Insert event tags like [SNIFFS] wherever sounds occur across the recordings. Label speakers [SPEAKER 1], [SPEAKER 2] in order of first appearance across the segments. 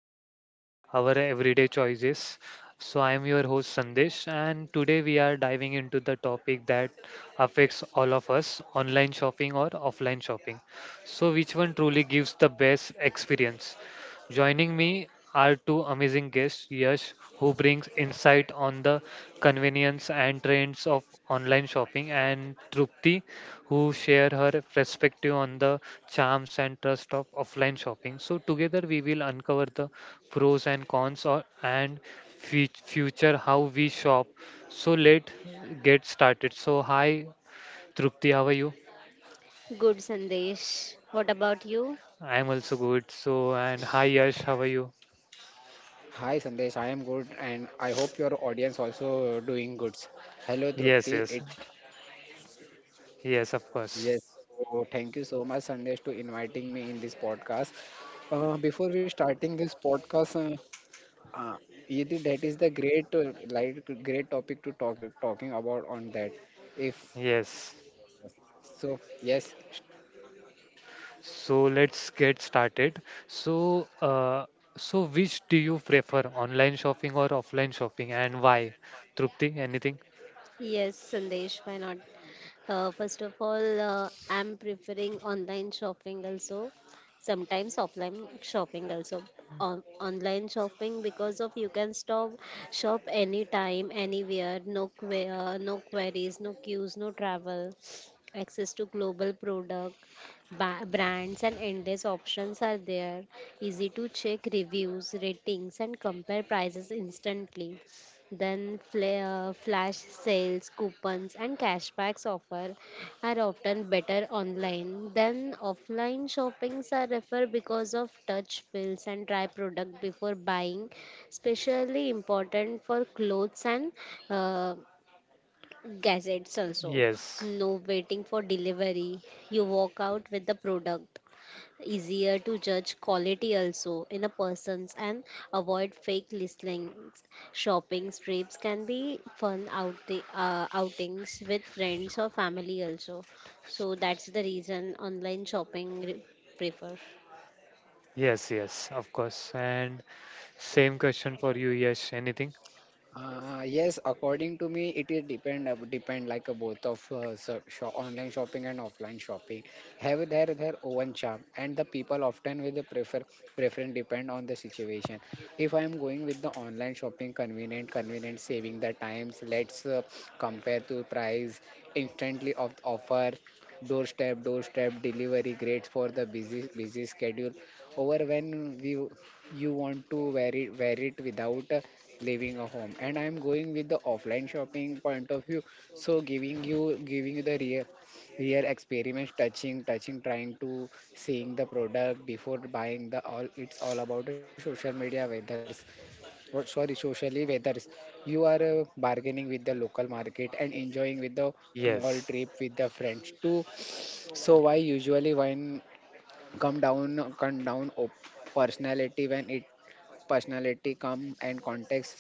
[SPEAKER 1] that shape our everyday choices. So, I am your host Sandesh, and today we are diving into the topic that affects all of us online shopping or offline shopping. So, which one truly gives the best experience? Joining me are two amazing guests, Yash, who brings insight on the convenience and trends of online shopping, and Trupti, who share her perspective on the charms and trust of offline shopping. So together we will uncover the pros and cons and future how we shop. So let get started. So hi Trupti, how are you?
[SPEAKER 2] Good, Sandesh. What about you?
[SPEAKER 1] I am also good. So and hi Yash, how are you?
[SPEAKER 3] Hi Sandesh, I am good and I hope your audience also doing good. Hello
[SPEAKER 1] Yes,
[SPEAKER 3] Trupti,
[SPEAKER 1] yes,
[SPEAKER 3] it
[SPEAKER 1] yes, of
[SPEAKER 3] yes.
[SPEAKER 1] course.
[SPEAKER 3] So thank you so much Sandesh to inviting me in this podcast. Before we starting this podcast, uh, Yeti, that is the great like great topic to talking about on that. If
[SPEAKER 1] Yes.
[SPEAKER 3] So, yes.
[SPEAKER 1] So let's get started. So, uh, so which do you prefer, online shopping or offline shopping, and why? Trupti, anything?
[SPEAKER 2] Yes, Sandesh, why not? First of all, I'm preferring online shopping also. Sometimes offline shopping also. Online shopping because of you can stop shop anytime, anywhere, no queries, no queues, no travel. Access to global product, brands and endless options are there. Easy to check reviews, ratings, and compare prices instantly. Then flash sales, coupons, and cashbacks offer are often better online than offline shoppings are refer because of touch feels and try product before buying, especially important for clothes and uh, gadgets also.
[SPEAKER 1] Yes,
[SPEAKER 2] No waiting for delivery. You walk out with the product, easier to judge quality also in a person's, and avoid fake listings. Shopping trips can be fun outings with friends or family also, so that's the reason online shopping prefer.
[SPEAKER 1] yes, yes, of course. And same question for you, Yash. Anything?
[SPEAKER 3] Yes, according to me, it is depend like a both of online shopping and offline shopping have their own charm, and the people often with the preference depend on the situation. If I am going with the online shopping, convenient, saving the times. Let's compare to price instantly of the offer, doorstep delivery, great for the busy schedule. Over when we you want to wear it without, leaving a home, and I am going with the offline shopping point of view, so giving you the real experience, touching trying to seeing the product before buying the all, it's all about the social media weathers, or sorry, socially weathers, you are bargaining with the local market and enjoying with the mall
[SPEAKER 1] Yes,
[SPEAKER 3] trip with the friends too. So why usually when come down personality, when it personality, calm, and context.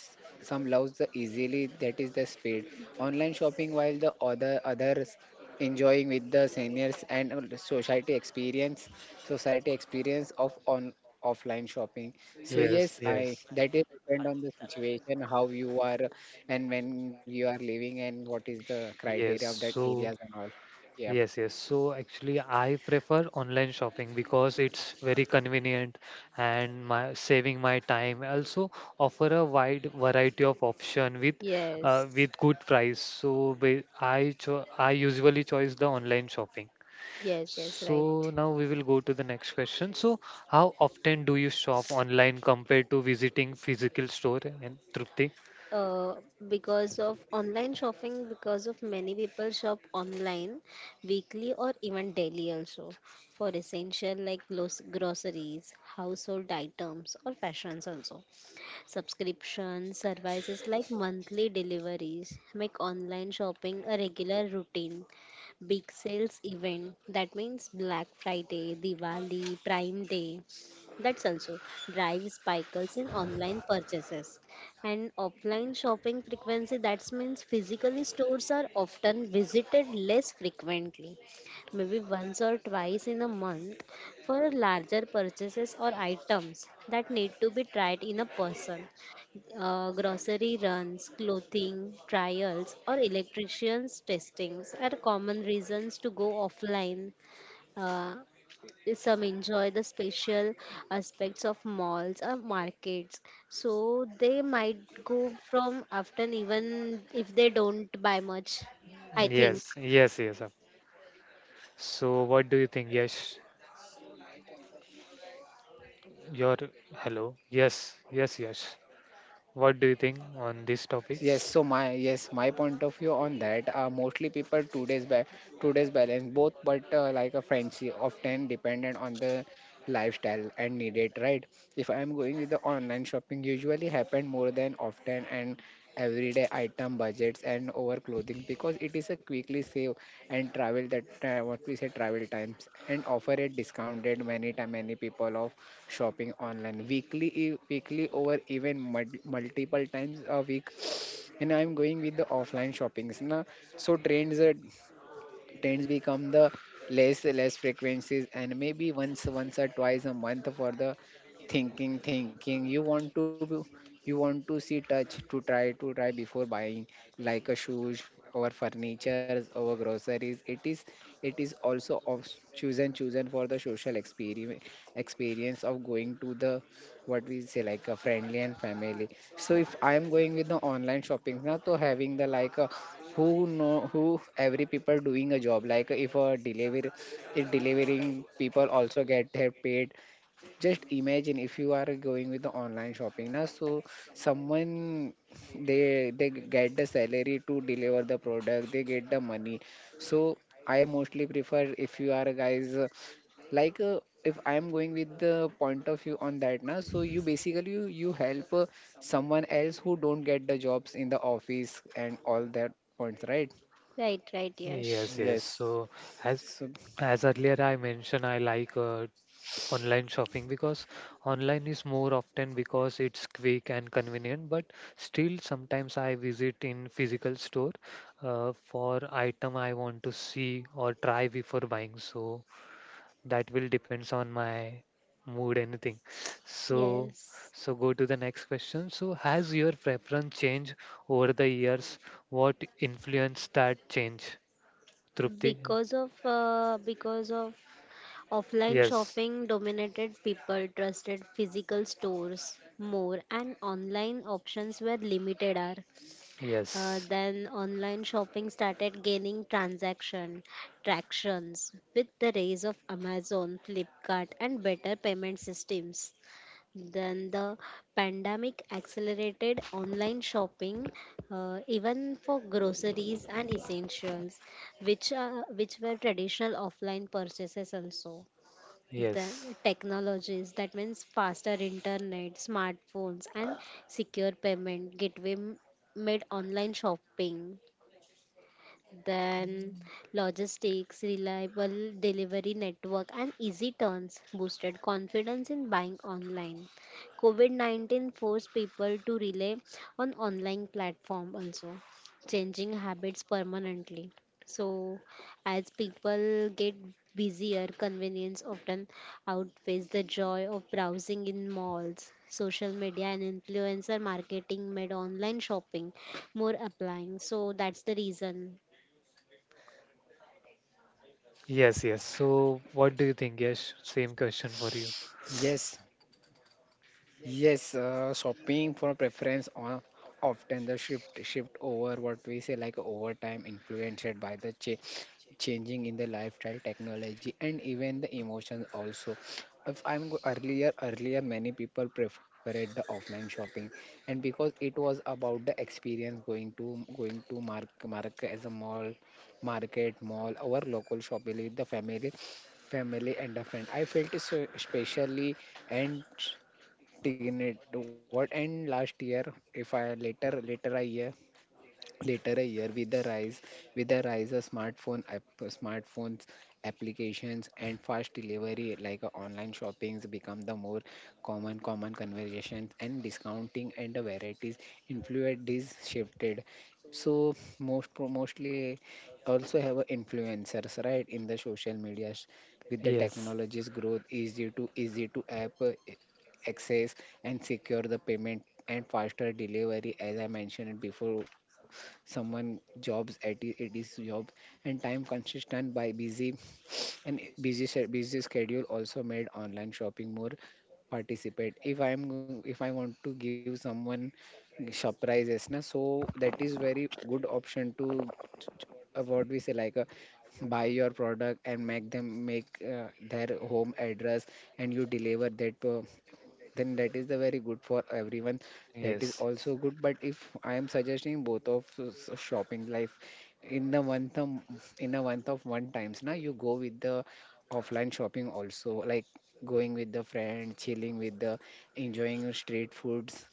[SPEAKER 3] Some loves the easily, that is the speed. Online shopping, while the others enjoying with the seniors and society experience of on offline shopping. So
[SPEAKER 1] yes,
[SPEAKER 3] yes, I
[SPEAKER 1] yes,
[SPEAKER 3] that is depend on the situation, how you are, and when you are living, and what is the criteria
[SPEAKER 1] yes.
[SPEAKER 3] of that areas
[SPEAKER 1] So.
[SPEAKER 3] and all. Yeah.
[SPEAKER 1] Yes, yes. So actually, I prefer online shopping because it's very convenient and my saving my time. Also, offer a wide variety of option with uh,
[SPEAKER 2] Yes,
[SPEAKER 1] with good price. So I usually choose the online shopping.
[SPEAKER 2] yes, yes,
[SPEAKER 1] So
[SPEAKER 2] right.
[SPEAKER 1] now we will go to the next question. So how often do you shop online compared to visiting physical store? And Trupti?
[SPEAKER 2] uh, because of online shopping, because of many people shop online weekly or even daily also, for essential like groceries, household items, or fashions also. Subscription services like monthly deliveries make online shopping a regular routine. Big sales event, that means Black Friday, Diwali, Prime Day, that's also drives spikes in online purchases. And offline shopping frequency, that means physically stores are often visited less frequently, maybe once or twice in a month, for larger purchases or items that need to be tried in a person. Grocery runs, clothing trials, or electricians testings are common reasons to go offline. uh, some enjoy the special aspects of malls or markets, so they might go from often even if they don't buy much, I think.
[SPEAKER 1] Yes, yes, yes. Sir. So what do you think? Yes. Your hello. Yes, yes, yes. What do you think on this topic?
[SPEAKER 3] Yes, so my point of view on that, mostly people today's balance both, but like a friendship often dependent on the lifestyle and needed, right? If I'm going with the online shopping, usually happen more than often, and everyday item budgets and over clothing, because it is a quickly save and travel that what we say travel times and offer a discounted many time many people of shopping online weekly over even multiple times a week, and I'm going with the offline shoppings now. So trends become the less frequencies, and maybe once or twice a month for the thinking you want to see, touch, to try before buying, like a shoes or furnitures or groceries. It is also of chosen for the social experience of going to the, what we say, like a friendly and family. So if I am going with the online shopping now, so having the like a, who know who every people doing a job, like if a delivery if delivering people also get their paid. Just imagine if you are going with the online shopping now, so someone, they get the salary to deliver the product, they get the money. So I mostly prefer, if you are guys, like if I am going with the point of view on that now, so you basically you help someone else who don't get the jobs in the office and all that points, right?
[SPEAKER 2] Right, right, yes.
[SPEAKER 1] Yes, yes.
[SPEAKER 3] Yes,
[SPEAKER 1] So as
[SPEAKER 3] so
[SPEAKER 1] as earlier I mentioned, I like online shopping because online is more often because it's quick and convenient. But still, sometimes I visit in physical store for item I want to see or try before buying. So that will depends on my mood anything. So
[SPEAKER 2] Yes.
[SPEAKER 1] go to the next question. So has your preference changed over the years? What influenced that change? Trupti?
[SPEAKER 2] Because of offline
[SPEAKER 1] Yes,
[SPEAKER 2] shopping dominated, people trusted physical stores more and online options were limited are.
[SPEAKER 1] yes,
[SPEAKER 2] Then online shopping started gaining transaction tractions with the rise of Amazon, Flipkart and better payment systems. Then the pandemic accelerated online shopping, even for groceries and essentials, which were traditional offline purchases also.
[SPEAKER 1] yes,
[SPEAKER 2] The technologies, that means faster internet, smartphones, and secure payment gateway made online shopping. Then logistics, reliable delivery network, and easy turns boosted confidence in buying online. COVID COVID-19 forced people to rely on online platform also, changing habits permanently. So, as people get busier, convenience often outweighs the joy of browsing in malls. Social media and influencer marketing made online shopping more applying. So, that's the reason.
[SPEAKER 1] yes, yes. So what do you think? Yes, same question for you.
[SPEAKER 3] yes. Yes, shopping for preference on often the shift over, what we say, like overtime influenced by the changing in the lifestyle, technology, and even the emotions also. If I'm go- Earlier many people preferred the offline shopping, and because it was about the experience going to mark as a mall, market mall, or local shopping with the family and a friend. I felt so especially, and taken it what, and last year, if I later I hear later a year with the rise of smartphone app, smartphones applications and fast delivery, like online shoppings become the more common conversations and discounting and the varieties influence this shifted. So mostly also have a influencers right in the social media, with the
[SPEAKER 1] Yes,
[SPEAKER 3] technologies growth, easy to app access and secure the payment and faster delivery, as I mentioned before, someone jobs at it is job, and time consistent by busy and busy schedule also made online shopping more participate. If I want to give someone surprises na, so that is very good option to what we say, like a, buy your product and make them make their home address and you deliver that. Then that is the very good for everyone. That is
[SPEAKER 1] yes,
[SPEAKER 3] also good, but if I am suggesting both of shopping life in the month of, in a month of one times now, you go with the offline shopping also, like going with the friend, chilling with the, enjoying your street foods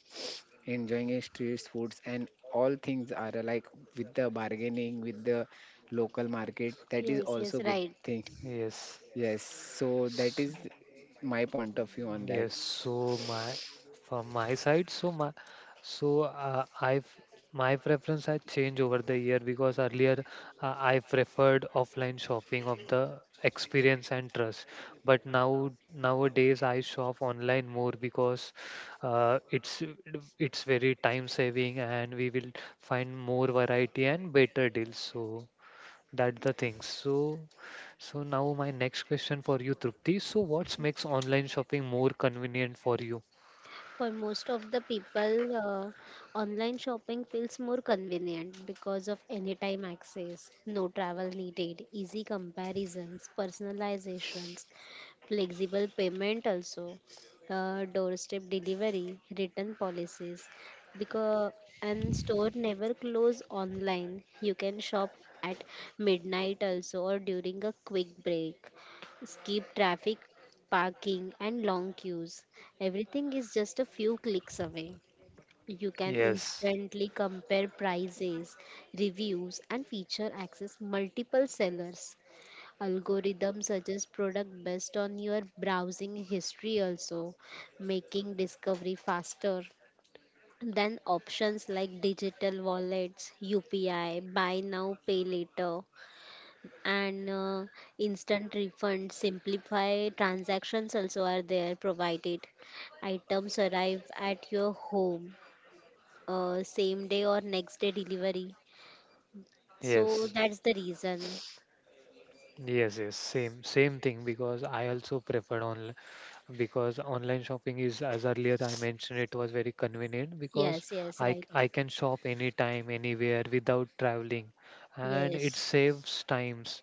[SPEAKER 3] enjoying your street foods and all things are like, with the bargaining with the local market. That is
[SPEAKER 2] Yes, yes,
[SPEAKER 3] also good
[SPEAKER 2] right.
[SPEAKER 3] thing.
[SPEAKER 1] yes.
[SPEAKER 3] Yes, so that is my point of view on that.
[SPEAKER 1] Yes, so my from my side, so my so I've my preference has changed over the year because earlier I preferred offline shopping of the experience and trust, but now nowadays I shop online more because uh, it's it's very time saving and we will find more variety and better deals. So that the thing. So now my next question for you, Trupti. So, what makes online shopping more convenient for you?
[SPEAKER 2] For most of the people, online shopping feels more convenient because of anytime access, no travel needed, easy comparisons, personalizations, flexible payment also, doorstep delivery, return policies. Because and store never close online. You can shop at midnight also or during a quick break, skip traffic, parking, and long queues. Everything is just a few clicks away. You can
[SPEAKER 1] Yes,
[SPEAKER 2] instantly compare prices, reviews, and feature access multiple sellers. Algorithms suggest product based on your browsing history also, making discovery faster. Then options like digital wallets, UPI, buy now, pay later, and instant refund simplify transactions also are there provided. Items arrive at your home same day or next day delivery, so
[SPEAKER 1] yes,
[SPEAKER 2] that's the reason.
[SPEAKER 1] yes, yes. Same thing because I also prefer online because online shopping is as earlier I mentioned it was very convenient because
[SPEAKER 2] Yes, yes,
[SPEAKER 1] i
[SPEAKER 2] right.
[SPEAKER 1] c- i can shop anytime anywhere without traveling and it
[SPEAKER 2] Yes.
[SPEAKER 1] saves times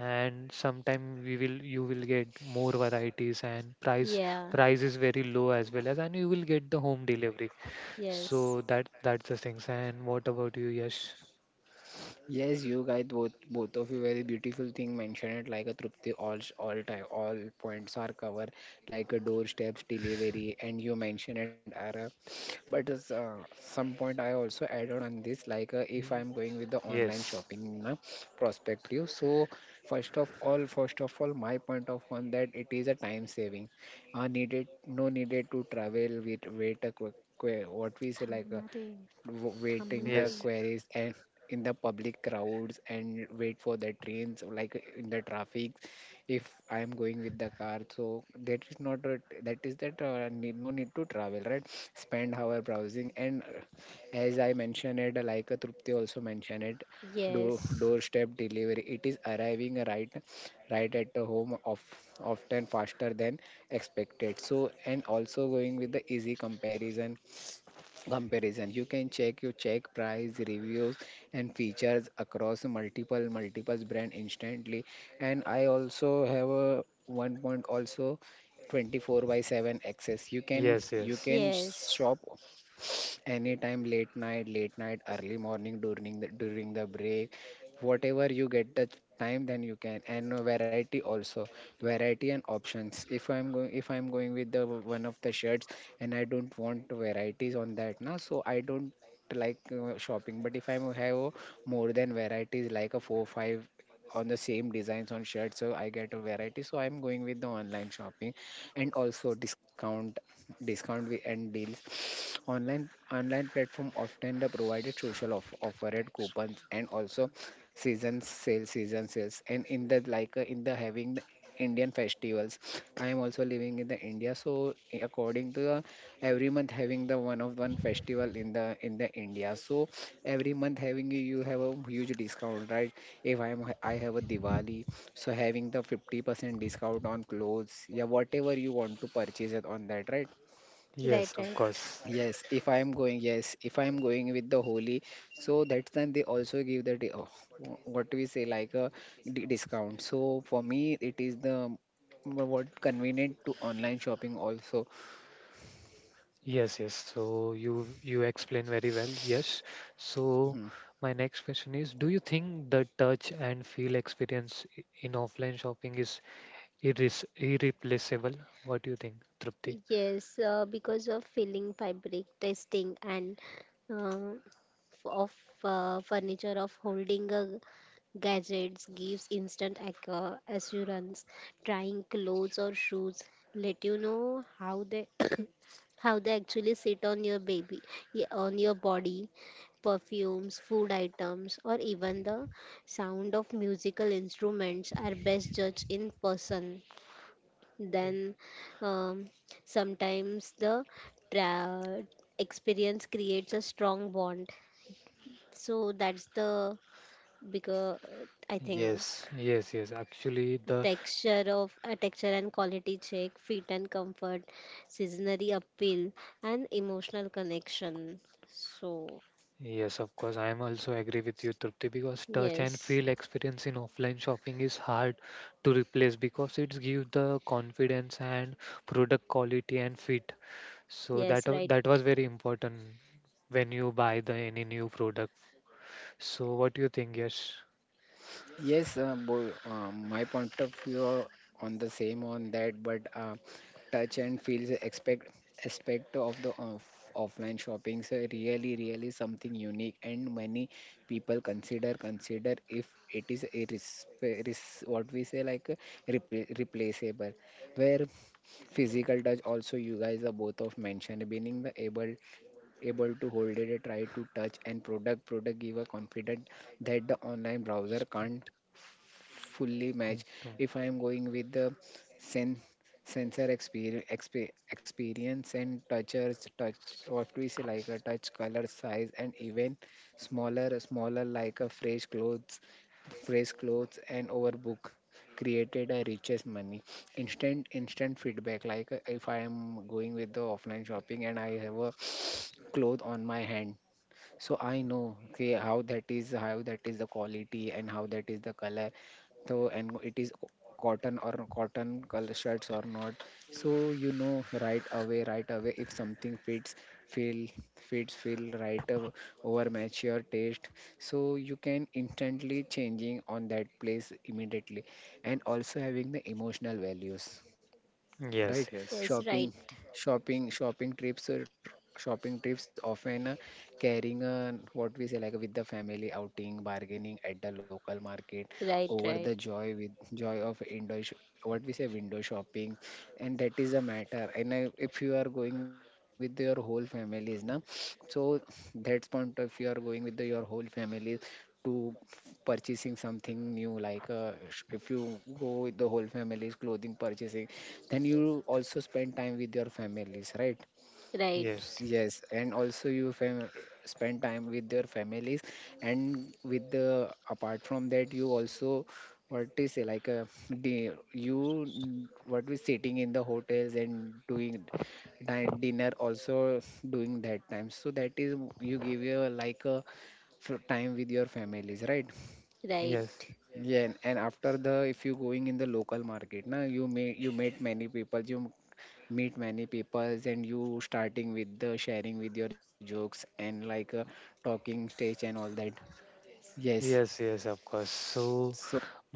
[SPEAKER 1] and sometime we will you will get more varieties and price
[SPEAKER 2] Yeah.
[SPEAKER 1] price is very low as well as and you will get the home delivery. So
[SPEAKER 2] Yes.
[SPEAKER 1] that's the things. And what about you, Yash?
[SPEAKER 3] Yes, you guys, both of you very beautiful thing mentioned it, like a Trupti, all time all points are covered, like a doorsteps delivery, and you mentioned it Ara. But as, some point I also add on this, like if
[SPEAKER 1] Y-
[SPEAKER 3] I'm going with the online
[SPEAKER 1] yes,
[SPEAKER 3] shopping na, perspective. So first of all, my point of on that, it is a time saving. Needed no needed to travel with wait a quick, what we say like,
[SPEAKER 2] थांबणार आहे,
[SPEAKER 3] wait in the
[SPEAKER 2] थांबणार
[SPEAKER 1] yes.
[SPEAKER 2] आहे.
[SPEAKER 3] queries and in the public crowds and wait for the trains, or like in the traffic. If I am going with the car, so that is not a, that is that need, no need to travel, right? Spend hour browsing and as I mentioned it, like Trupti also mentioned it, door
[SPEAKER 2] Yes,
[SPEAKER 3] doorstep delivery, it is arriving right at the home, of often faster than expected. So, and also going with the easy comparison, you check price, reviews, and features across multiple brand instantly. And I also have a one point also, 24 by 7 access, you can
[SPEAKER 1] Yes, yes.
[SPEAKER 3] you can
[SPEAKER 2] yes,
[SPEAKER 3] shop anytime, late night, early morning, during the break, whatever you get the time, then you can. And variety also, variety and options. If I'm going with the one of the shirts and I don't want varieties on that now, so I don't like shopping. But if I have more than varieties, like a four five on the same designs on shirts, so I get a variety, so I'm going with the online shopping. And also and deals. [SNIFFS] Online platform often the provided social offered coupons and also season sales. And in the, like in the having the Indian festivals, I am also living in the India. So according to the every month having the one of one festival in the India. So every month having you have a huge discount, right? If I am I have a Diwali, so having the 50% discount on clothes, yeah, whatever you want to purchase it on that, right?
[SPEAKER 2] right.
[SPEAKER 1] Yes, of
[SPEAKER 2] Right.
[SPEAKER 1] course.
[SPEAKER 3] Yes, if I am going, yes, if I am going with the holy, so that time they also give the what do we say, like a, discount. So for me, it is the what convenient to online shopping also.
[SPEAKER 1] Yes, yes. So you explain very well. Yes. So
[SPEAKER 3] Hmm.
[SPEAKER 1] my next question is, do you think the touch and feel experience in offline shopping is irres irreplaceable? What do you think, Trupti?
[SPEAKER 2] Yes, because of filling, fabric testing, and uh, f- of furniture, of holding a gadgets gives instant assurance. Trying clothes or shoes let you know how they [COUGHS] how they actually sit on your baby, on your body. Perfumes, food items, or even the sound of musical instruments are best judged in person. Then um, sometimes the tra- experience creates a strong bond. So that's the bigger, I think,
[SPEAKER 1] Yes, yes, yes. Actually, the
[SPEAKER 2] texture of a texture and quality check, fit and comfort, seasonary appeal, and emotional connection. So.
[SPEAKER 1] Yes, of course. I am also agree with you, Trupti, because touch and
[SPEAKER 2] Yes,
[SPEAKER 1] feel experience in offline shopping is hard to replace because it gives the confidence and product quality and fit. So
[SPEAKER 2] yes,
[SPEAKER 1] that wa-
[SPEAKER 2] right.
[SPEAKER 1] that was very important when you buy the any new product. So what do you think? Yes.
[SPEAKER 3] Yes, my point of view on the same on that, but touch and feels expect aspect of the offline shopping is really something unique, and many people consider consider if it is irres- irres- what we say like repl- replaceable where physical touch also. You guys are both of mentioned being the able to hold it, try to touch, and product give a confident that the online browser can't
[SPEAKER 1] Speak
[SPEAKER 3] fully match.
[SPEAKER 1] going to-
[SPEAKER 3] If I am going with the sen sensor exper expe experience and touch, what we say like a touch, color, size, and even smaller like a fresh clothes and overbook created a richest money, instant feedback. Like if I am going with the offline shopping and I have a cloth on my hand, so I know, okay, how that is the quality and how that is the color. So, and it is cotton or cotton color shirts or not. So you know right away if something feel fits feel right. Over match your taste, so you can instantly changing on that place immediately. And also having the emotional values, right?
[SPEAKER 1] Yes, yes,
[SPEAKER 2] Yes,
[SPEAKER 3] shopping
[SPEAKER 2] right,
[SPEAKER 3] Shopping trips, or shopping trips often, carrying a, what we say, like with the family outing, bargaining at the local market,
[SPEAKER 2] right,
[SPEAKER 3] over the
[SPEAKER 2] right,
[SPEAKER 3] joy with joy of indoor what we say window shopping. And that is a matter. And I, if you are going with your whole families now, so that's point. If you are going with the, your whole families to purchasing something new, like if you go with the whole family's clothing purchasing, then you also spend time with your families, right?
[SPEAKER 2] right,
[SPEAKER 1] yes,
[SPEAKER 3] Yes, and also you spend time with your families. And with the, apart from that, you also, what we say, like the, what we sitting in the hotels and doing dinner also, doing that time. So that is you give your, like a time with your families, right?
[SPEAKER 2] right.
[SPEAKER 1] yes,
[SPEAKER 3] Yeah, and after the, if you going in the local market, now you may you meet many people, you meet many peoples, and you starting with the sharing with your jokes and like talking stage and all that. Yes.
[SPEAKER 1] yes, yes, of course. So
[SPEAKER 3] So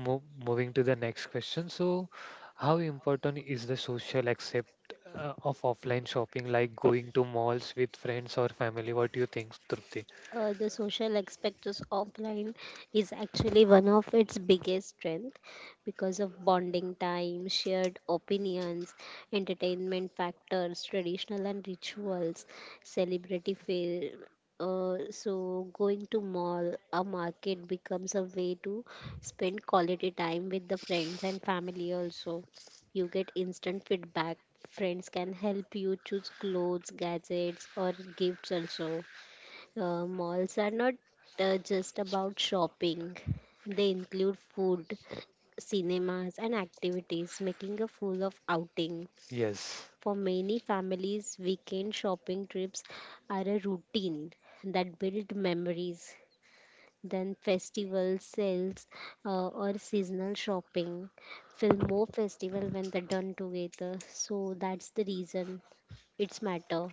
[SPEAKER 1] Mo moving to the next question. So, how important is the social accept of offline shopping, like going to malls with friends or family? What do you think, Trupti?
[SPEAKER 2] The social aspect of offline is actually one of its biggest strength because of bonding time, shared opinions, entertainment factors, traditional and rituals, celebrity fail. So going to mall a market becomes a way to spend quality time with the friends and family also. You get instant feedback. Friends can help you choose clothes, gadgets, or gifts also. Malls are not just about shopping. They include food, cinemas, and activities, making a full of outing.
[SPEAKER 1] Yes.
[SPEAKER 2] For many families, weekend shopping trips are a routine that build memories. Then festival sales or seasonal shopping feel more festival when they're done together. So that's the reason it's matter.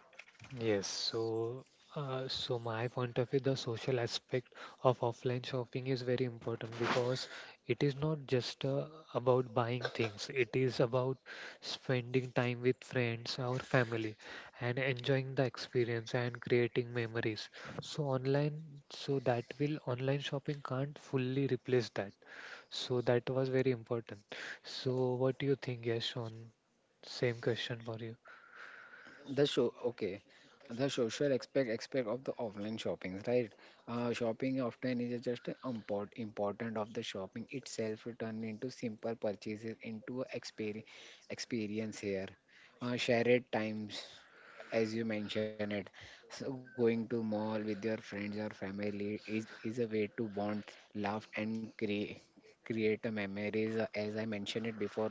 [SPEAKER 1] Yes, so my point of view, the social aspect of offline shopping is very important because it is not just about buying things. It is about spending time with friends or family and enjoying the experience and creating memories. So online shopping can't fully replace that. So that was very important. So what do you think, Yash, on same question for you?
[SPEAKER 3] the show, okay. The social aspect of the offline shoppings, right? Shopping often is just an important of the shopping itself, turned into simple purchases into a experience here. Shared times, as you mentioned it, so going to mall with your friends or family is a way to bond, laugh, and create a memories, as I mentioned it before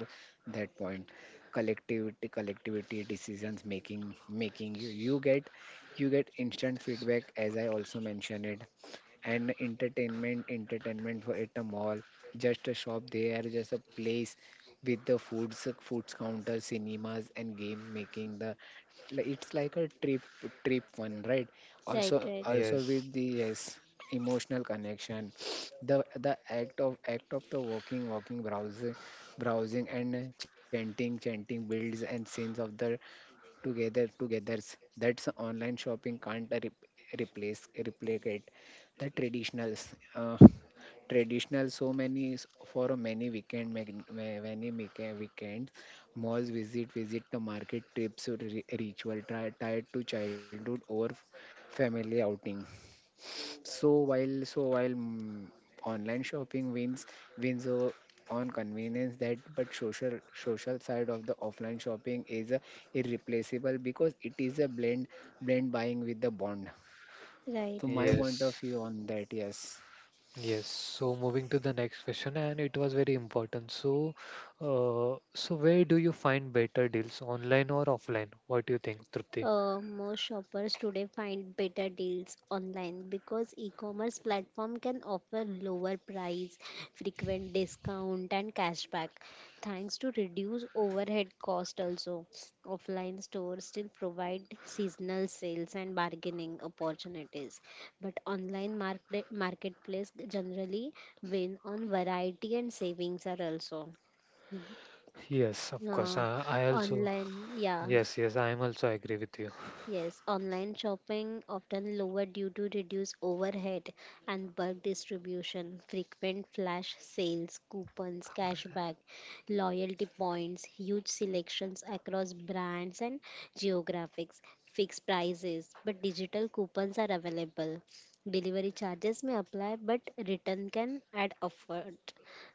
[SPEAKER 3] that point. Collectivity decisions, making you get, you get instant feedback, as I also mentioned it. And entertainment for at a mall, just a shop, they are just a place with the foods counter, cinemas, and game, making the it's like a trip, one, right?
[SPEAKER 2] Right, right,
[SPEAKER 3] Also
[SPEAKER 1] Yes.
[SPEAKER 3] with the, yes, emotional connection. [SNIFFS] The act of the walking, browsing, and chanting builds and scenes of the togethers that's online shopping can't re- replace replicate the traditional. So many s- for a many weekend mag- ma- many weekend weekend malls, visit the market trips or ritual tied to childhood or family outing. So while online shopping wins, wins o- on convenience, that but social, social side of the offline shopping is a irreplaceable, because it is a blend, blend buying with the bond.
[SPEAKER 2] right.
[SPEAKER 3] So my point of
[SPEAKER 1] Yes,
[SPEAKER 3] view on that, yes.
[SPEAKER 1] yes. So moving to the next question, and it was very important. So where do you find better deals, online or offline? What do you think, Trupti?
[SPEAKER 2] Most shoppers today find better deals online because e-commerce platform can offer lower price, frequent discount and cashback, thanks to reduced overhead cost also. Offline stores still provide seasonal sales and bargaining opportunities, but online marketplace generally win on variety and savings are also.
[SPEAKER 1] Yes, of course.
[SPEAKER 2] Uh,
[SPEAKER 1] I also.
[SPEAKER 2] Online, yeah.
[SPEAKER 1] Yes, yes. I am also agree with you.
[SPEAKER 2] Yes, online shopping often lower due to reduced overhead and bulk distribution, frequent flash sales, coupons, cashback, loyalty points, huge selections across brands and geographics, fixed prices, but digital coupons are available. Delivery charges may apply, but return can add effort.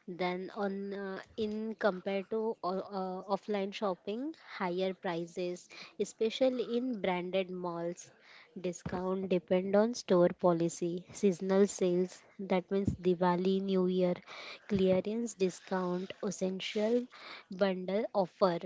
[SPEAKER 2] Then on in compared to offline shopping, higher prices, especially in branded malls. Discount depend on store policy, seasonal sales, that means Diwali, New Year, clearance discount, essential bundle offer,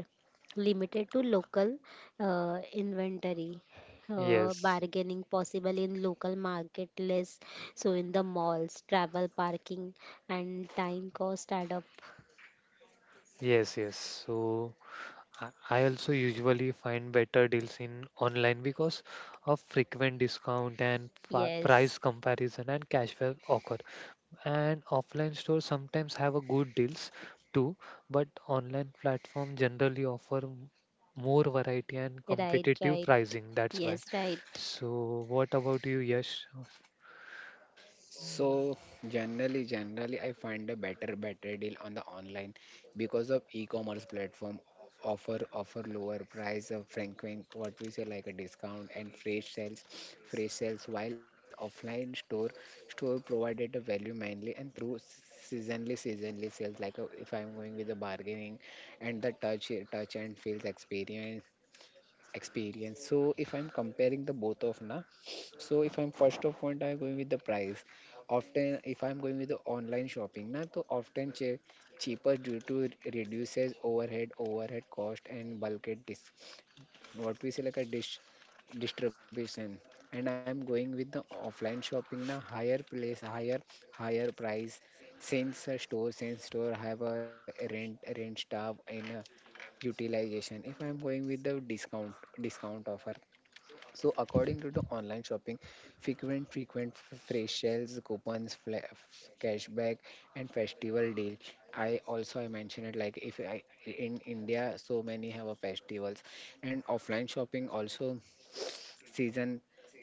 [SPEAKER 2] limited to local inventory.
[SPEAKER 1] Yes,
[SPEAKER 2] Bargaining possible in local market less. So in the malls, travel, parking, and time cost add up.
[SPEAKER 1] yes, yes. So I also usually find better deals in online because of frequent discount and price
[SPEAKER 2] Yes.
[SPEAKER 1] comparison and cashback offer. And offline stores sometimes have a good deals too, but online platform generally offer more variety and
[SPEAKER 2] Right,
[SPEAKER 1] competitive
[SPEAKER 2] right.
[SPEAKER 1] pricing. That's why.
[SPEAKER 2] Yes, right.
[SPEAKER 1] So what about you, Yash?
[SPEAKER 3] So generally, I find a better deal on the online because of e-commerce platform offer lower price of frequent, what we say, like a discount and fresh sales, while offline store, store provided the value mainly and through seasonally sales. Like if I'm going with the bargaining and the touch, touch and feels experience experience. So if I'm comparing the both of na, so if I'm first of point, I'm going with the price. Often, if I'm going with the online shopping na, so often cheaper due to it reduces overhead cost and bulk at dis what we say like a dish distribution. And I'm going with the offline shopping na, higher place, higher price. Since a since store have a rent staff and utilization. If I'm going with the discount offer, so according to the online shopping, frequent fresh sales, coupons, cashback, and festival deal. I also, I mentioned it, like if I in India, so many have a festivals. And offline shopping also season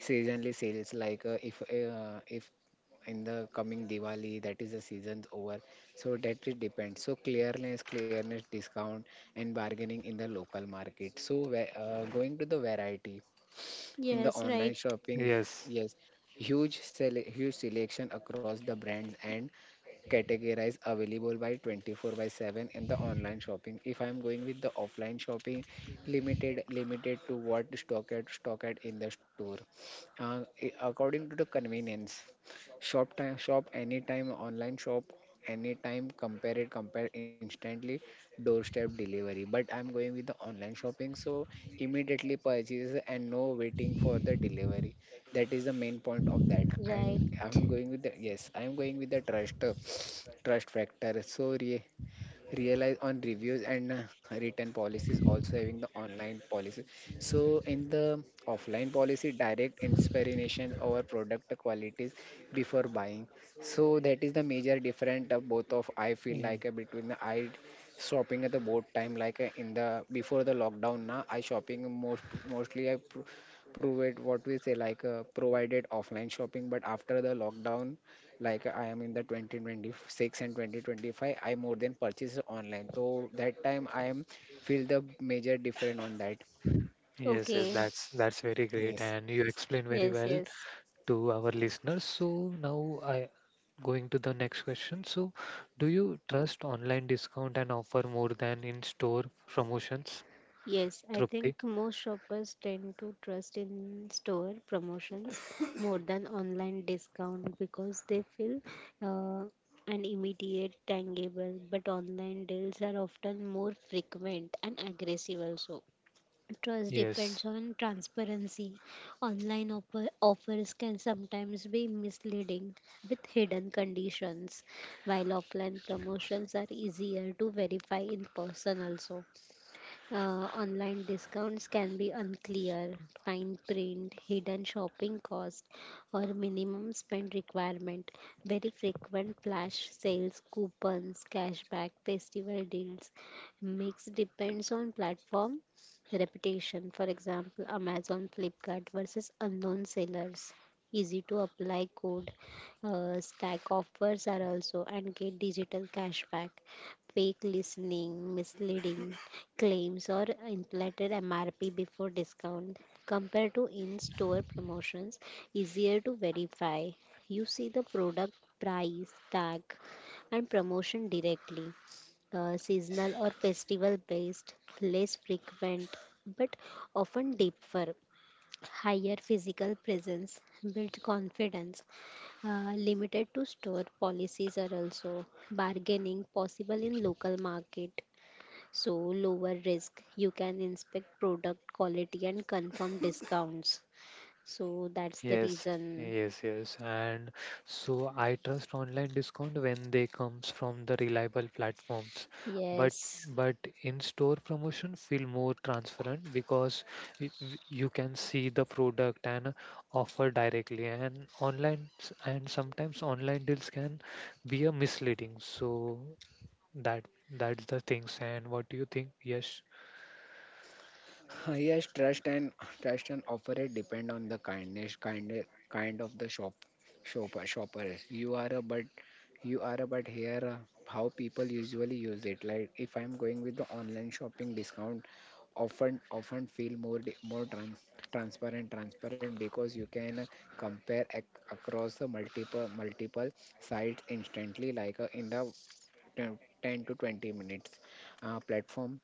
[SPEAKER 3] seasonally sales. Like if in the coming Diwali, that is the season's over. So that it depends. So clearness, discount, and bargaining in the local market. So going to the variety in the
[SPEAKER 2] Yes,
[SPEAKER 3] online
[SPEAKER 2] right.
[SPEAKER 3] shopping,
[SPEAKER 1] Yes.
[SPEAKER 3] yes, huge selection across the brands and categories available by 24 by 7 in the online shopping. If I'm going with the offline shopping, limited to what stock at in the store, according to the convenience. Shop anytime, online shop anytime, compare instantly, doorstep delivery. But I'm going with the online shopping, so immediately purchase and no waiting for the delivery. That is the main point of that. And
[SPEAKER 2] Right.
[SPEAKER 3] I'm going with the yes, I'm going with the trust factor. So realize on reviews and written policies, also having the online policy. So in the offline policy, direct inspiration over product qualities before buying. So that is the major difference of both of. I feel like between the I shopping at the boat time, like in the before the lockdown. Now I shopping mostly I prove it, what we say, like provided offline shopping. But after the lockdown, like I am in the 2026 and 2025, I more than purchase online. So that time I am feel the major different on that.
[SPEAKER 1] Yes, yes,
[SPEAKER 2] Okay.
[SPEAKER 1] that's very great,
[SPEAKER 3] Yes.
[SPEAKER 1] and you explain very
[SPEAKER 2] Yes,
[SPEAKER 1] well
[SPEAKER 2] yes.
[SPEAKER 1] to our listeners. So now I going to the next question. So, do you trust online discount and offer more than in-store promotions,
[SPEAKER 2] Yes, I
[SPEAKER 1] Trupti?
[SPEAKER 2] think most shoppers tend to trust in store promotions [COUGHS] more than online discount because they feel uh, an immediate tangible, but online deals are often more frequent and aggressive also. Trust
[SPEAKER 1] Yes.
[SPEAKER 2] depends on transparency. Online offers can sometimes be misleading with hidden conditions, while offline promotions are easier to verify in person also. Online discounts can be unclear, fine print, hidden shopping cost, or minimum spend requirement. Very frequent flash sales, coupons, cashback, festival deals. Mix depends on platform reputation. For example, Amazon, Flipkart versus unknown sellers. Easy to apply code. Stack offers are also, and get digital cashback, fake listening, misleading claims, or inflated MRP before discount. Compared to in store promotions, easier to verify. You see the product price, tag, and promotion directly. Seasonal or festival based, less frequent, but often deeper. Higher physical presence, build confidence. Limited to store policies are also, bargaining possible in local market, so lower risk, you can inspect product quality and confirm discounts, so that's the
[SPEAKER 1] Yes,
[SPEAKER 2] reason.
[SPEAKER 1] yes, yes. And so I trust online discount when they comes from the reliable platforms. But
[SPEAKER 2] Yes,
[SPEAKER 1] but in-store promotion feel more transparent because you can see the product and offer directly. And sometimes online deals can be a misleading. So that's the things. And what do you think? Yes.
[SPEAKER 3] Yes, trust and offer it depend on the kind of the shoppers. You are a but here, how people usually use it. Like if I'm going with the online shopping discount, often feel more more transparent, transparent, because you can compare across the multiple sites instantly. Like in the 10 ten to 20 minutes, platform,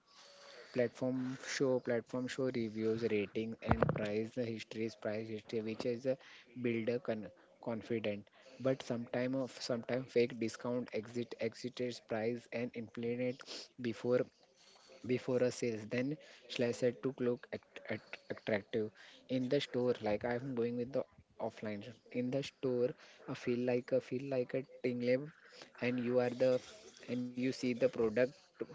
[SPEAKER 3] platform show reviews, rating, and price history, which is a builder con- confident. But sometime fake discount, exit exits price, and inflate before before a sales. Then Shle said to look attractive in the store. Like I'm going with the offline shop in the store. I feel like a tingle, and you see the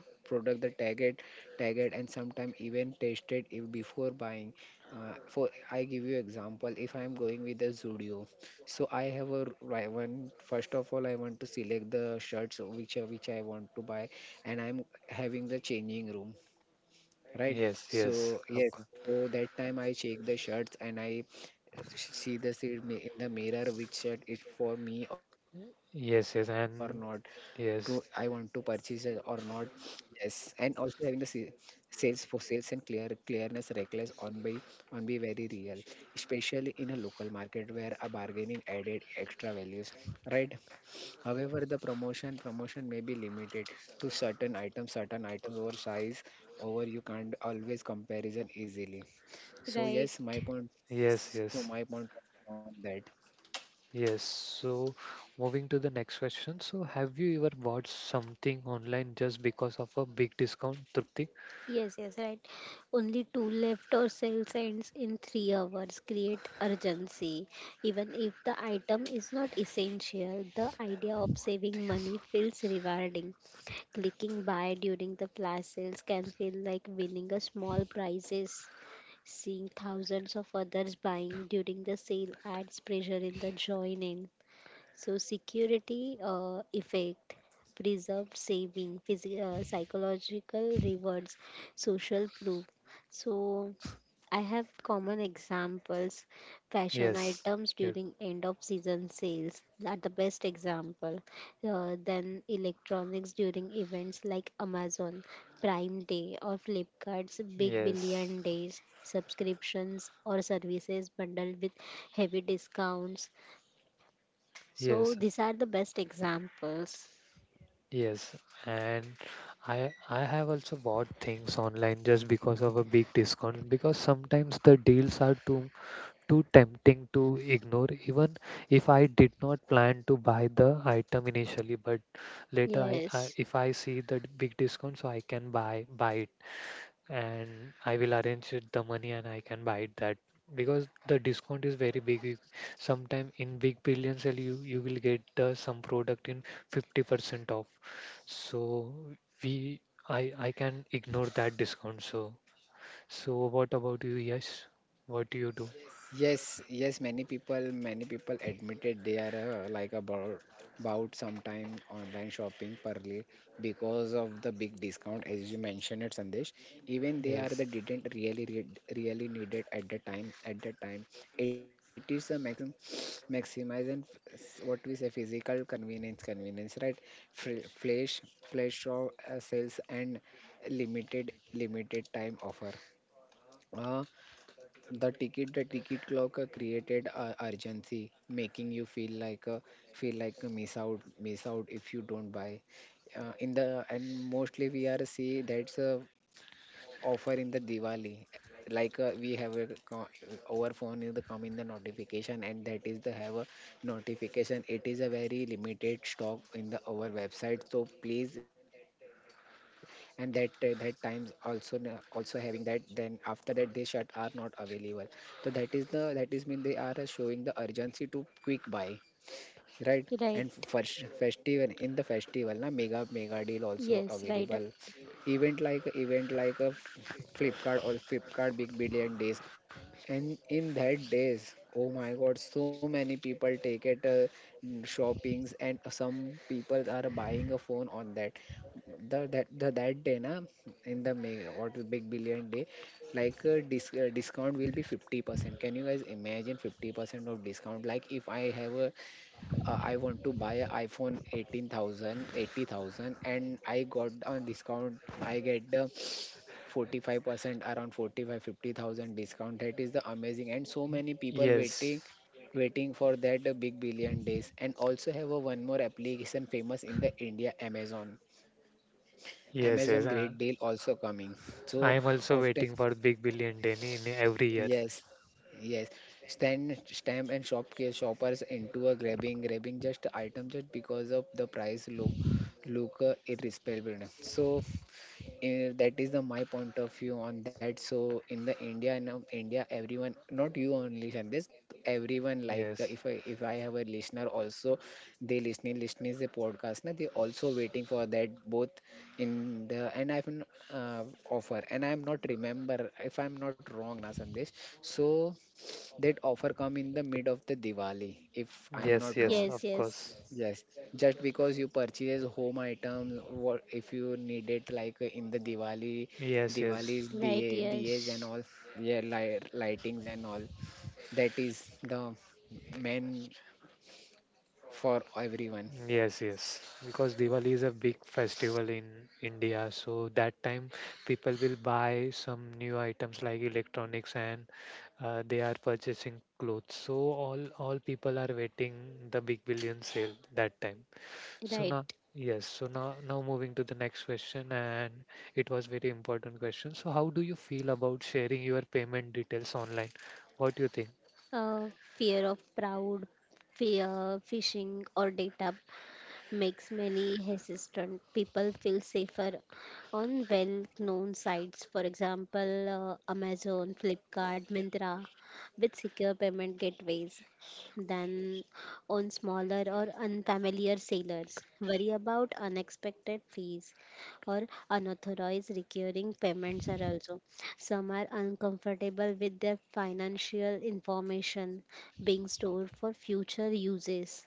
[SPEAKER 3] product the tag it, and sometimes even tasted it if before buying. For I give you example, if I am going with the Zudio, so I have a I want, first of all, I want to select the shirts which which I want to buy. And I'm having the changing room, right?
[SPEAKER 1] Yes, yes,
[SPEAKER 3] So
[SPEAKER 1] of
[SPEAKER 3] yes,
[SPEAKER 1] course.
[SPEAKER 3] so that time I check the shirts, and I see the in the mirror which shirt is for me or not.
[SPEAKER 1] Yes,
[SPEAKER 3] To
[SPEAKER 1] yes,
[SPEAKER 3] I
[SPEAKER 1] and
[SPEAKER 3] want to purchase it or
[SPEAKER 1] yes,
[SPEAKER 3] not. Yes, and also having the sales for sales and clear clearness reckless on by on be very real, especially in a local market where a bargaining added extra values, right? However, the promotion may be limited to certain items over size, over you can't always comparison easily. So
[SPEAKER 2] right.
[SPEAKER 3] yes, my point, yes.
[SPEAKER 1] yes,
[SPEAKER 3] So
[SPEAKER 1] yes,
[SPEAKER 3] my point on that.
[SPEAKER 1] yes. So, moving to the next question. So, have you ever bought something online just because of a big discount, Trupti?
[SPEAKER 2] Yes, yes, right. Only two left or sales ends in 3 hours create urgency, even if the item is not essential. The idea of saving money feels rewarding. Clicking buy during the flash sales can feel like winning a small prizes. Seeing thousands of others buying during the sale adds pressure in the join in. So, security effect, preserved saving, psychological rewards, social proof. So, I have common examples. Fashion
[SPEAKER 1] Yes,
[SPEAKER 2] items
[SPEAKER 1] ye-
[SPEAKER 2] during end of season sales are the best example. Then electronics during events like Amazon Prime Day or Flipkart's Big
[SPEAKER 1] yes,
[SPEAKER 2] Billion Days. Subscriptions or services bundled with heavy discounts. So
[SPEAKER 1] yes,
[SPEAKER 2] these are the best examples.
[SPEAKER 1] yes. And I have also bought things online just because of a big discount because sometimes the deals are too tempting to ignore, even if I did not plan to buy the item initially. But later, I
[SPEAKER 2] Yes,
[SPEAKER 1] if I see the big discount, so I can buy it, and I will arrange it, the money, and I can buy it that because the discount is very big. Sometime in big billion sale, you will get the some product in 50% off. So we. I can ignore that discount. So what about you, Yes? What do you do?
[SPEAKER 3] Yes, yes, many people admitted they are like about sometime online shopping purely because of the big discount, as you mentioned it, Sandesh, even they are
[SPEAKER 1] Yes.
[SPEAKER 3] the didn't really really needed at the time, it is a maxim [SNIFFS] maximize and what we say physical convenience, right? Flash, flash of sales, and limited time offer. Uh, the ticket the ticket clock, created urgency, making you feel like a miss out if you don't buy. In the, and mostly we are see that's, offer in the Diwali. Like we have a our phone is the come in the notification, and that is the have a notification. It is a very limited stock in the our website. So please, and that, that times also also having that. Then after that, they shut are not available. So that is the, that is mean they are, showing the urgency to quick buy, right? And
[SPEAKER 2] right.
[SPEAKER 3] first festival, in the festival na, mega deal also
[SPEAKER 2] Yes, right.
[SPEAKER 3] available, event like a Flipkart, or Flipkart Big Billion Days. And in that days, oh my god, so many people take it, shoppings. And some people are buying a phone on that, the that the that day na, in the mega or the Big Billion Day. Like discount will be 50%. Can you guys imagine 50% of discount? Like, if I have a, I want to buy a iPhone 18,000, 80,000, and I got on discount. I get the 45% around 45, 50,000 discount. That is the amazing, and so many people
[SPEAKER 1] Yes.
[SPEAKER 3] waiting. Yes, waiting for that, Big Billion Days. And also have a one more application famous in the India, Amazon.
[SPEAKER 1] Yes.
[SPEAKER 3] Amazon
[SPEAKER 1] Yes.
[SPEAKER 3] Great Deal also coming.
[SPEAKER 1] I
[SPEAKER 3] So
[SPEAKER 1] am also
[SPEAKER 3] often.
[SPEAKER 1] waiting for Big Billion Day in every year.
[SPEAKER 3] Yes, yes. Stamp and shopkeep shoppers into a grabbing just item just because of the price look, irrespectable. So that is the my point of view on that. So in the India, now India everyone not you only, this everyone like, if
[SPEAKER 1] Yes.
[SPEAKER 3] i if i have a listener also, they listening the podcast na, they also waiting for that both in the and I've n- uh, offer, and I'm not remember, if I'm not wrong na Sandesh, so that offer come in the mid of the Diwali, if I'm not
[SPEAKER 1] Yes. Yes.
[SPEAKER 3] wrong.
[SPEAKER 2] Yes,
[SPEAKER 1] Of
[SPEAKER 2] yes,
[SPEAKER 1] course.
[SPEAKER 3] Yes, just because you purchase home items, what if you need it like in the Diwali,
[SPEAKER 1] Yes. Yes.
[SPEAKER 3] Diwali's
[SPEAKER 2] right.
[SPEAKER 3] diye, diyas and
[SPEAKER 2] Yes,
[SPEAKER 3] all, yeah, lightings and all. That is the main for everyone.
[SPEAKER 1] Yes, yes, because Diwali is a big festival in India, so that time people will buy some new items like electronics and they are purchasing clothes. So all people are waiting the big billion sale that time. So
[SPEAKER 2] right.
[SPEAKER 1] now, yes, now moving to the next question, and it was very important question. So how do you feel about sharing your payment details online? What do you think?
[SPEAKER 2] Uh, Fear of crowd, fear, phishing, or data makes many hesitant. People feel safer on well-known sites, for example, Amazon, Flipkart, Myntra, with secure payment gateways than on smaller or unfamiliar sailors. Worry about unexpected fees or unauthorized recurring payments are also. Some are uncomfortable with their financial information being stored for future uses.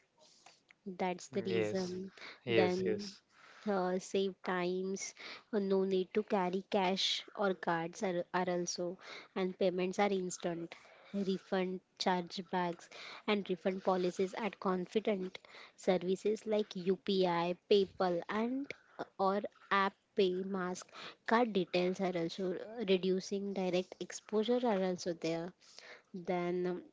[SPEAKER 2] That's the
[SPEAKER 1] Yes,
[SPEAKER 2] reason.
[SPEAKER 1] yes,
[SPEAKER 2] Then
[SPEAKER 1] yes.
[SPEAKER 2] save times, no need to carry cash or cards are also, and payments are instant refund chargebacks, and refund policies at confident services like UPI PayPal and or app pay mask card details are also, reducing direct exposure are also there. Then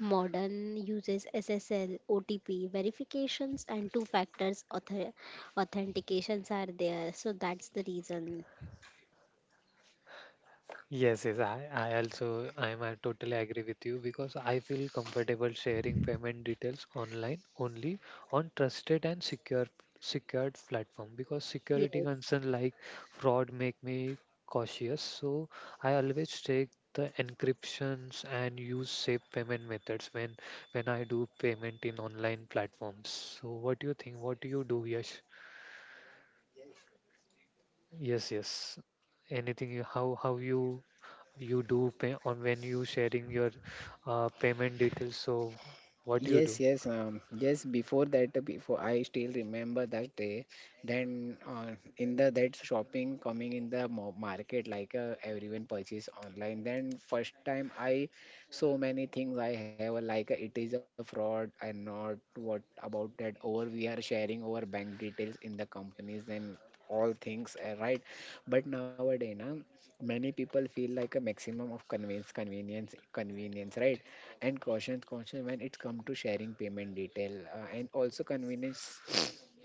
[SPEAKER 2] Modern uses SSL, OTP verifications, and two factors authentications are there. So that's the reason.
[SPEAKER 1] Yes, yes, I also I'm I totally agree with you because I feel comfortable sharing payment details online only on trusted and secured platform because security
[SPEAKER 2] Yes.
[SPEAKER 1] concern like fraud make me cautious. So I always take the encryptions and use safe payment methods when I do payment in online platforms. So what do you think? What do you do, Yash? Yes, yes. Anything you how you do pay on when you sharing your payment details. So what do you
[SPEAKER 3] Yes,
[SPEAKER 1] do?
[SPEAKER 3] yes, yes. Before that, before I still remember that day. Then in the that shopping coming in the market, like, everyone purchase online. Then first time I, so many things I have, it is a fraud and not what about that, or we are sharing our bank details in the companies and all things, right? But nowadays, na, many people feel like a maximum of convenience, convenience, convenience, right? And caution conscious when it comes to sharing payment detail, and also convenience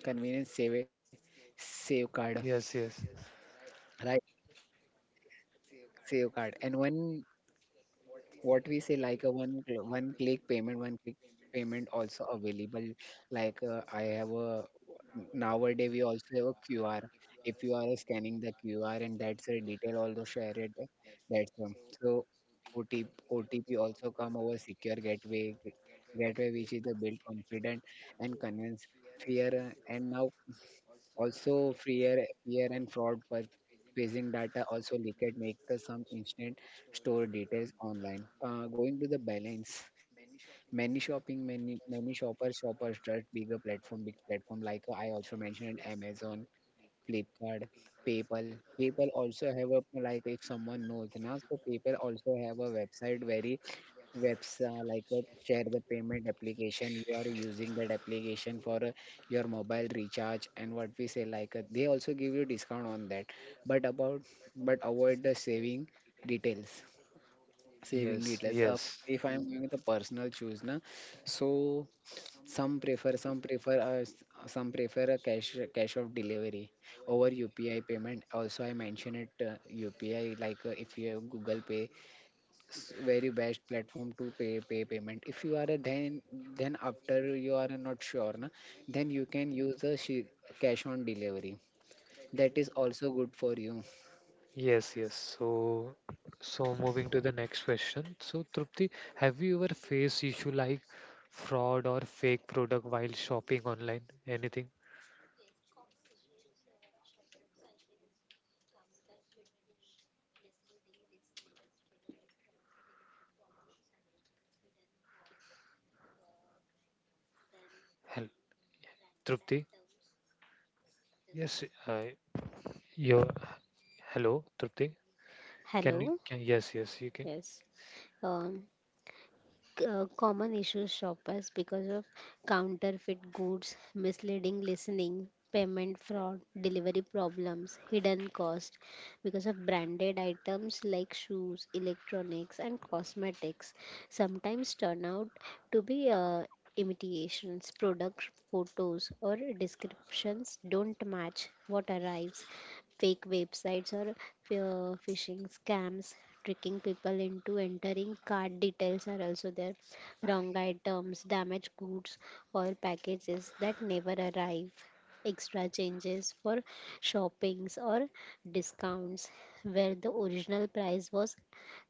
[SPEAKER 3] convenience save card,
[SPEAKER 1] Yes, yes,
[SPEAKER 3] right, save card, and one what we say like a one click payment also available, like, I have a nowadays we also have a QR. If you are scanning the QR and that's a detail also share it. That's, so otp also come over secure gateway, which is the build confident and convince fear, and now also, fear and fraud by purchasing data also leaked make the some instant store details online. Going to the balance, many shopping, many shoppers trust bigger platform, big platform like, I also mentioned Amazon, Flipkart, PayPal. PayPal also have a like, if someone knows, now so PayPal also have a website very, webs like, share the payment application, you are using that application for your mobile recharge, and what we say like, they also give you discount on that. But about but avoid the saving details,
[SPEAKER 1] yes, yes,
[SPEAKER 3] of, if I'm going with the personal choose na, so some prefer some prefer uh, s- some prefer a cash of delivery over UPI payment, also I mentioned it. UPI, like, if you have Google Pay, very best platform to pay payment, if you are a then after, you are not sure na, then you can use the cash on delivery, that is also good for you.
[SPEAKER 1] yes, yes. So moving to the next question. So Trupti, have you ever faced issue like fraud or fake product while shopping online? Anything? Help, Trupti? Yes, your hello, Trupti. Can you?
[SPEAKER 2] Hello.
[SPEAKER 1] Yes, yes, you can.
[SPEAKER 2] Yes. Um, Common issues shoppers because of counterfeit goods, misleading listening, payment fraud, delivery problems, hidden cost, because of branded items like shoes, electronics and cosmetics sometimes turn out to be imitations. Product photos or descriptions don't match what arrives. Fake websites or phishing scams tricking people into entering card details are also there. Wrong items, damaged goods, or packages that never arrive. Extra changes for shoppings or discounts where the original price was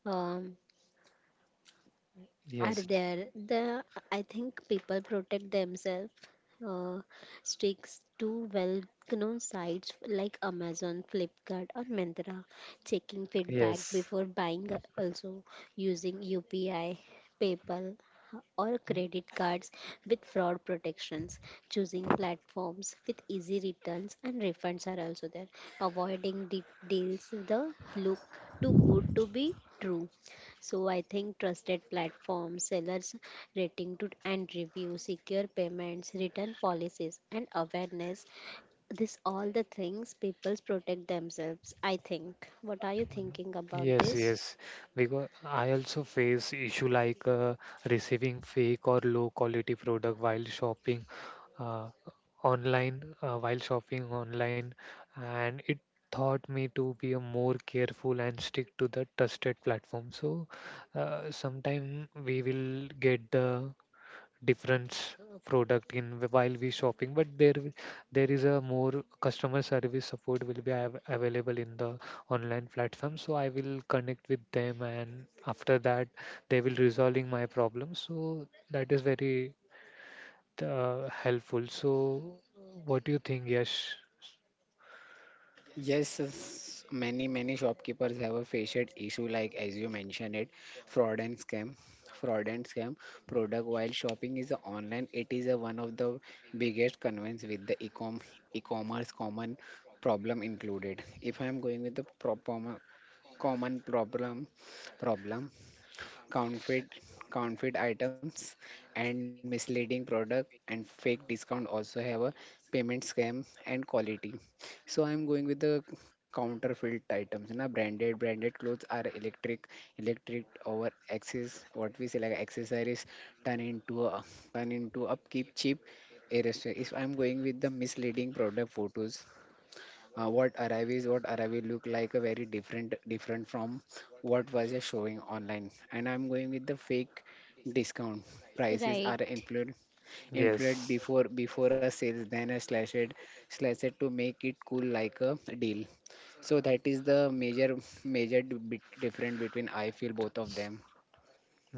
[SPEAKER 2] um, are
[SPEAKER 1] Yes,
[SPEAKER 2] there. The I think people protect themselves. Uh, Sticks to well-known sites like Amazon, Flipkart, or Myntra, checking feedback
[SPEAKER 1] Yes.
[SPEAKER 2] before buying. Also, using UPI, PayPal, or credit cards with fraud protections. Choosing platforms with easy returns and refunds are also there. Avoiding deals the look too good to be true, so I think trusted platforms, sellers rating to and review, secure payments, return policies and awareness. This all the things people protect themselves, I think. What are you thinking about
[SPEAKER 1] Yes,
[SPEAKER 2] this?
[SPEAKER 1] yes. Because I also face issue like receiving fake or low quality product while shopping uh, online, while shopping online, and it taught me to be a more careful and stick to the trusted platform. So sometime we will get the different product in while we shopping, but there is a more customer service support will be available in the online platform, so I will connect with them, and after that they will resolving my problem, so that is very helpful. So what do you think, Yash?
[SPEAKER 3] Yes, many shopkeepers have a faced issue like, as you mentioned it, fraud and scam, fraud and scam product while shopping is a online, it is a one of the biggest concerns with the ecom e-commerce common problem included, if I am going with the proper common problem. counterfeit counterfeit items and misleading product and fake discount also have a payment scam and quality. So I am going with the counterfeit items na, branded clothes are electric over access, what we say like accessories turn into a, turn into upkeep cheap. If I'm going with the misleading product photos, what arrive will look like a very different from what was just showing online. And I'm going with the fake discount prices
[SPEAKER 2] Right.
[SPEAKER 3] are influenced inflated,
[SPEAKER 1] Yes,
[SPEAKER 3] before a sales, then a slash it to make it cool like a deal. So that is the bit different between, I feel, both of them.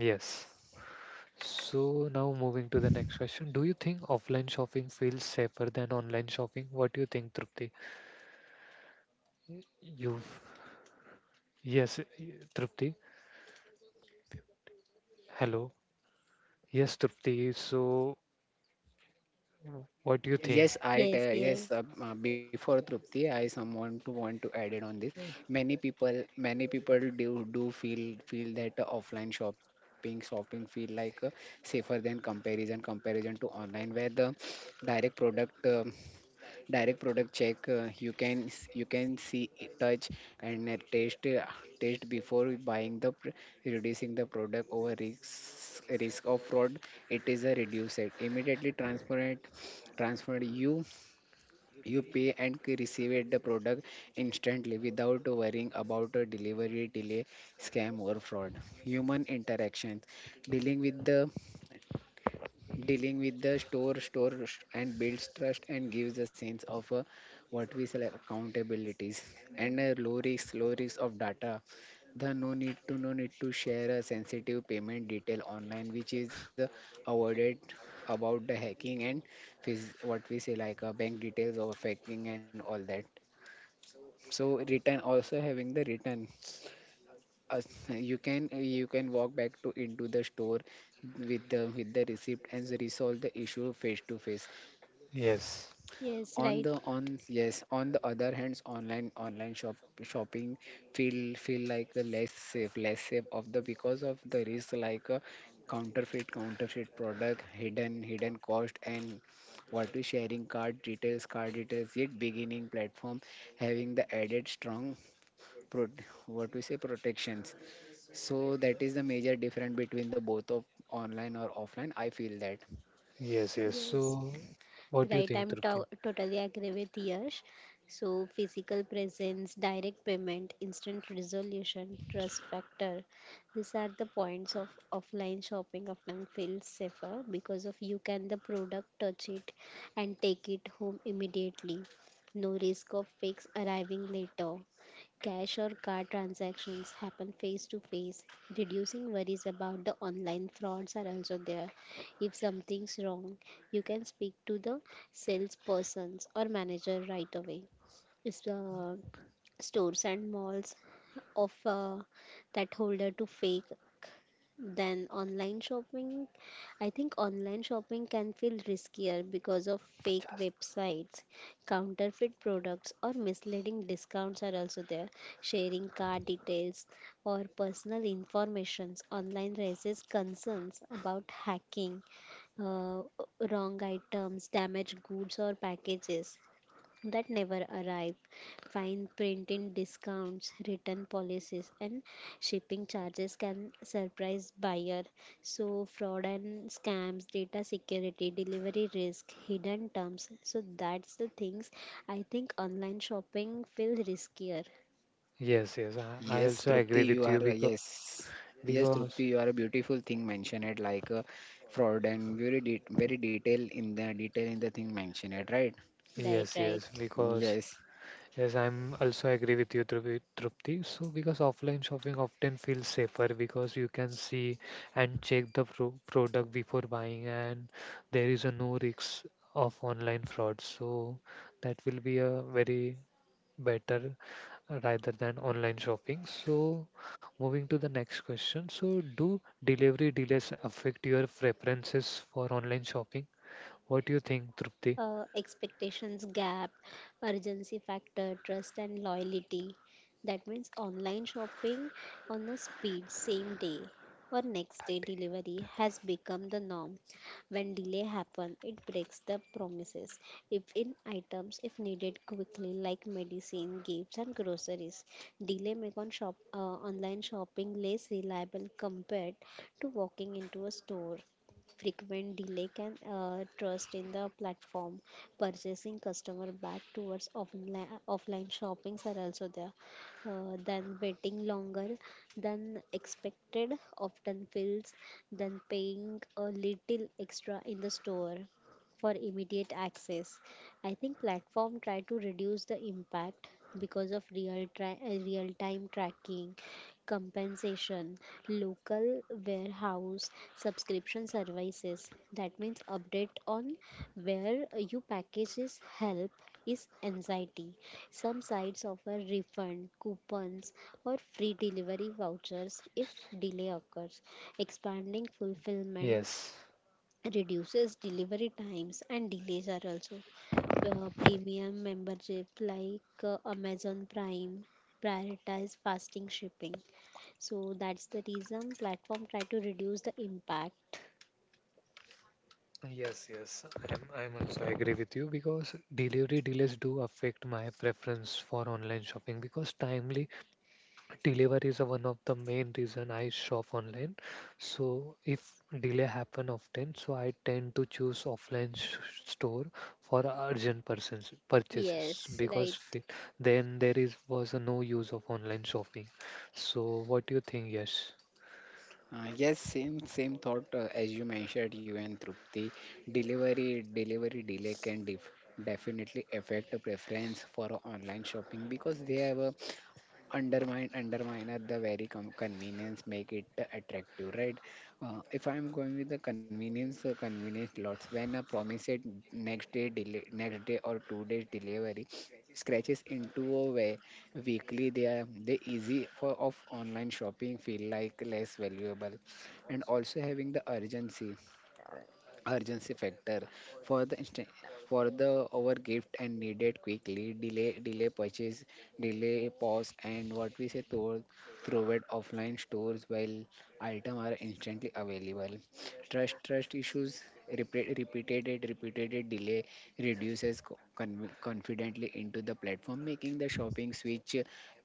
[SPEAKER 1] yes. So now moving to the next question. Do you think offline shopping feels safer than online shopping? What do you think, Trupti? You've yes, Trupti. Hello. Yes, Trupti. So what do you think?
[SPEAKER 3] Yes, I
[SPEAKER 2] Yes,
[SPEAKER 3] tell, yes,
[SPEAKER 2] yes.
[SPEAKER 3] before Trupti, I someone to want to add it on this.
[SPEAKER 1] Uh,
[SPEAKER 3] Many people do feel that, offline shopping feel like, safer than comparison to online, where the direct product. Direct product check, you can you can see, touch and taste before buying the reducing the product over risk of fraud. It is a reduced it immediately transparent transferred, you pay and receive it the product instantly without worrying about a delivery delay, scam or fraud. Human interactions, dealing with the dealing with the store and builds trust and gives a sense of, what we say like, accountabilities, and low risk of data, the no need to share a sensitive payment detail online, which is, avoided about the hacking and what we say like, bank details of hacking and all that. So return also having the return, uh, you can walk back to into the store with the receipt and resolve the issue face to face.
[SPEAKER 1] Yes.
[SPEAKER 2] Yes,
[SPEAKER 3] On
[SPEAKER 2] right.
[SPEAKER 3] the on Yes, on the other hands, online shopping feel like a less safe of the, because of the risk like a counterfeit product, hidden cost, and what we sharing card details yet beginning platform, having the added strong pro, what we say protections. So that is the major difference between the both of online or offline, I feel that.
[SPEAKER 1] Yes, yes.
[SPEAKER 2] Yes.
[SPEAKER 1] So, what do you
[SPEAKER 2] Right,
[SPEAKER 1] think,
[SPEAKER 2] I'm
[SPEAKER 1] Trupti?
[SPEAKER 2] totally agree with Yash. So, physical presence, direct payment, instant resolution, trust factor. These are the points of offline shopping often feels safer because of you can the product touch it and take it home immediately. No risk of fakes arriving later. Cash or card transactions happen face to face, reducing worries about the online frauds are also there. If something's wrong, you can speak to the salespersons or manager right away. It's, stores and malls offer that holder to fake, than online shopping. I think online shopping can feel riskier because of
[SPEAKER 1] 50.
[SPEAKER 2] fake websites, counterfeit products, or misleading discounts are also there. Sharing card details or personal informations online raises concerns about hacking, uh, wrong items, damaged goods, or packages that never arrive. Fine printing discounts, return policies, and shipping charges can surprise buyer. So fraud and scams, data security, delivery risk, hidden terms. So that's the things I think online shopping feel riskier.
[SPEAKER 1] Yes, yes. I
[SPEAKER 3] Yes,
[SPEAKER 1] also
[SPEAKER 3] Trupti,
[SPEAKER 1] agree with
[SPEAKER 3] you are,
[SPEAKER 1] you because
[SPEAKER 3] yes. Yes,
[SPEAKER 1] because
[SPEAKER 3] Trupti, you are a beautiful thing mentioned it like, fraud and very detail, in the thing mentioned it, right?
[SPEAKER 2] Right,
[SPEAKER 1] yes,
[SPEAKER 2] right.
[SPEAKER 1] yes, because.
[SPEAKER 3] Yes.
[SPEAKER 1] Yes, I'm also agree with you, Trupti. So, because offline shopping often feels safer because you can see and check the product before buying, and there is a no risk of online fraud. So, that will be a very better rather than online shopping. So, moving to the next question. So, do delivery delays affect your preferences for online shopping? What do you think, Trupti?
[SPEAKER 2] Expectations gap, urgency factor, trust and loyalty. That means online shopping on a speed, same day or next day delivery has become the norm. When delay happen, it breaks the promises. If in items, if needed quickly, like medicine, gifts, and groceries, delay make on shop online shopping less reliable compared to walking into a store. Frequent delay can trust in the platform. Purchasing customer back towards offline shoppings are also there, then waiting longer than expected often feels than paying a little extra in the store for immediate access. I think platform try to reduce the impact because of real time tracking, compensation, local warehouse, subscription services. That means update on where you packages help is anxiety. Some sites offer refund, coupons or free delivery vouchers if delay occurs. Expanding fulfillment
[SPEAKER 1] Yes.
[SPEAKER 2] reduces delivery times and delays are also, premium membership like Amazon Prime prioritize fasting shipping, so that's the reason platform try to reduce the impact.
[SPEAKER 1] Yes, yes, I'm also agree with you because delivery delays do affect my preference for online shopping because timely delivery is one of the main reason I shop online. So if delay happen often, so I tend to choose offline store for urgent persons purchases
[SPEAKER 2] Yes,
[SPEAKER 1] because
[SPEAKER 2] right.
[SPEAKER 1] then there is was no use of online shopping. So what do you think, Yes?
[SPEAKER 3] Yes, same thought, as you mentioned, you and Trupti. Delivery delay can definitely affect a preference for a online shopping, because they have a undermine at the very convenience make it attractive, right? If I'm going with the convenience lots, when a promise it next day or 2 days delivery scratches into a way, weekly they are, they easy for of online shopping feel like less valuable. And also having the urgency factor for the over gift and needed quickly, delay purchase delay pause, and what we say through it offline stores while item are instantly available. Trust issues, repeated delay reduces confidently into the platform making the shopping switch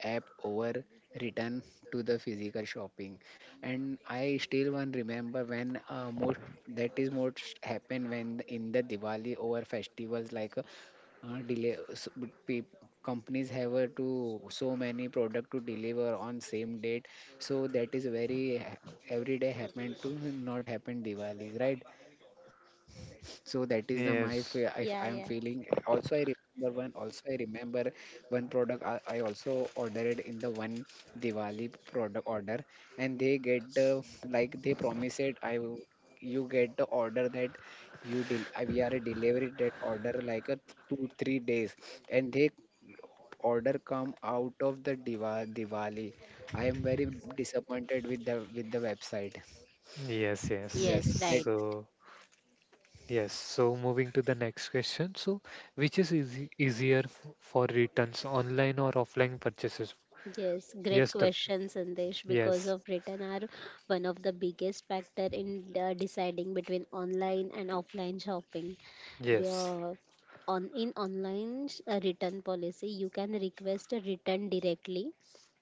[SPEAKER 3] app over return to the physical shopping. And I still one remember when, most that is most happen when in the Diwali over festivals, like, delay s- b- pe- companies have, to so many product to deliver on same date, so that is very every day happen to not happen Diwali, right? So that is the my if
[SPEAKER 1] Yes.
[SPEAKER 3] I am
[SPEAKER 2] Yeah, yeah.
[SPEAKER 3] feeling. Also, I remember one. Also, I remember one product, I also ordered in the one Diwali product order, and they get the, like, they promise it. You get the order that, you del we are delivery that order like a 2-3 days, and they order come out of the Diva Diwali. I am very disappointed with the website.
[SPEAKER 1] Yes, yes.
[SPEAKER 3] Yes,
[SPEAKER 2] Yes,
[SPEAKER 3] that,
[SPEAKER 2] right.
[SPEAKER 1] So. Yes, so moving to the next question. So, which is easier for returns, online or offline purchases?
[SPEAKER 2] Yes, great
[SPEAKER 1] Yes, Trupti.
[SPEAKER 2] question, Sandesh. Because
[SPEAKER 1] Yes,
[SPEAKER 2] of return are one of the biggest factor in deciding between online and offline shopping. Be-
[SPEAKER 1] yes,
[SPEAKER 2] Uh, on in return policy, you can request a return directly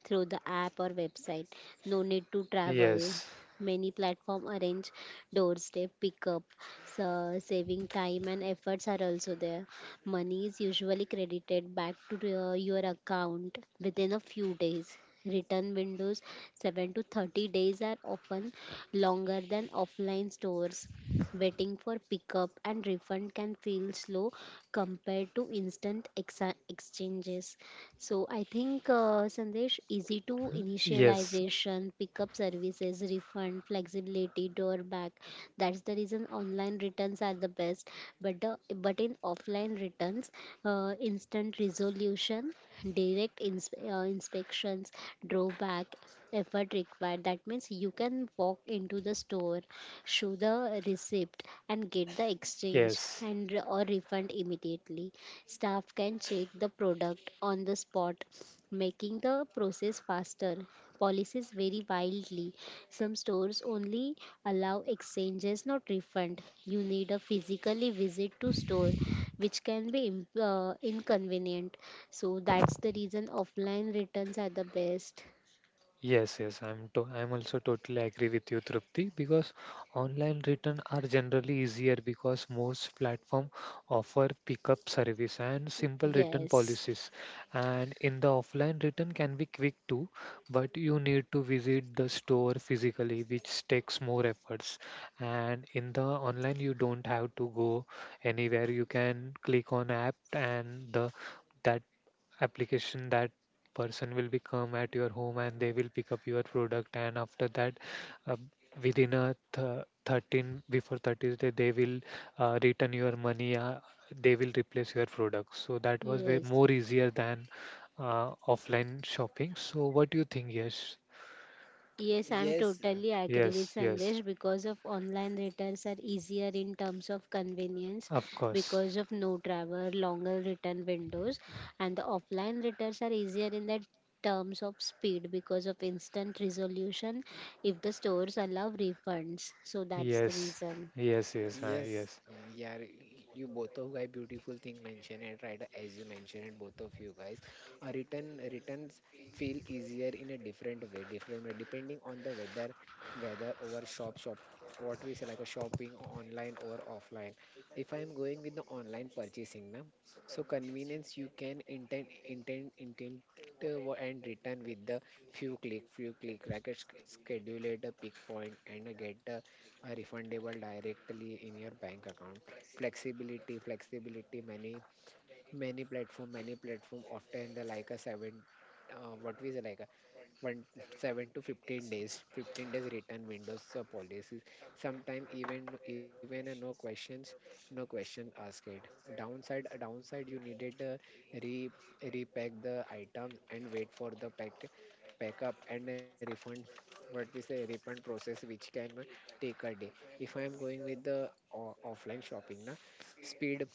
[SPEAKER 2] through the app or website. No need to travel.
[SPEAKER 1] yes,
[SPEAKER 2] Many platform arrange doorstep pickup, so saving time and efforts are also there. Money is usually credited back to your account within a few days. Return windows 7 to 30 days are often longer than offline stores. Waiting for pickup and refund can feel slow compared to exchanges. So I think Sandesh, easy to initialization, pickup services, refund, flexibility, door back. That's the reason online returns are the best. But in offline returns, instant resolution, inspections, drawback, effort required. That means you can walk into the store, show the receipt, and get
[SPEAKER 1] yes,
[SPEAKER 2] the exchange
[SPEAKER 1] yes.
[SPEAKER 2] and or refund immediately. Staff can check the product on the spot, making the process faster. Policies vary wildly. Some stores only allow exchanges, not refund. You need a physically visit to store, which can be inconvenient. So that's the reason offline returns are the best.
[SPEAKER 1] Yes, yes, I'm also totally agree with you, Trupti, because online return are generally easier because most platform offer pickup service and simple return
[SPEAKER 2] Yes,
[SPEAKER 1] policies. And in the offline return can be quick too, but you need to visit the store physically, which takes more efforts. And in the online you don't have to go anywhere. You can click on app and the that application, that person will be come at your home, and they will pick up your product, and after that uh, within a 13 before 30th day they will return your money, they will replace your product. So that was way
[SPEAKER 2] yes.
[SPEAKER 1] more easier than offline shopping. So what do you think, Yes?
[SPEAKER 2] Yes, I'm
[SPEAKER 3] yes.
[SPEAKER 2] totally agree with
[SPEAKER 1] Yes, yes,
[SPEAKER 2] Sandesh because of online returns are easier in terms of convenience
[SPEAKER 1] of course.
[SPEAKER 2] because of no travel, longer return windows, and the offline returns are easier in the terms of speed because of instant resolution if the stores allow refunds. So that's the
[SPEAKER 1] Yes,
[SPEAKER 2] reason.
[SPEAKER 1] yes, yes,
[SPEAKER 3] Yes,
[SPEAKER 1] yes,
[SPEAKER 3] yeah, you both of guys beautiful thing mentioned it, right, as you mentioned it both of you guys. Written returns feel easier in a different way, different way, depending on the whether over shop what we say like a shopping online or offline. If I am going with the online purchasing now, so convenience, you can intend, and return with the few click like a schedule at a pick point, and, get the are refundable directly in your bank account. Flexibility, many platform often the like a seven, what we say like a, one seven to 15 days return windows, policies sometime even, no question asked. Downside, you needed, re repack the items and wait for the pack up and a refund, what we say refund process which can take a day. If I am going with the offline shopping na, speed,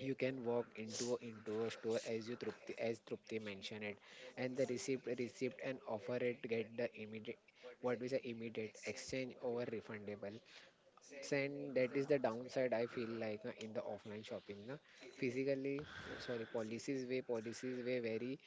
[SPEAKER 3] you can walk into a store, as you Trupti as Trupti mentioned it, and the receipt and offer it get the immediate, what we say, immediate exchange over refundable, and that is the downside I feel like, in the offline shopping na. Physically Oh, sorry, policies way, vary,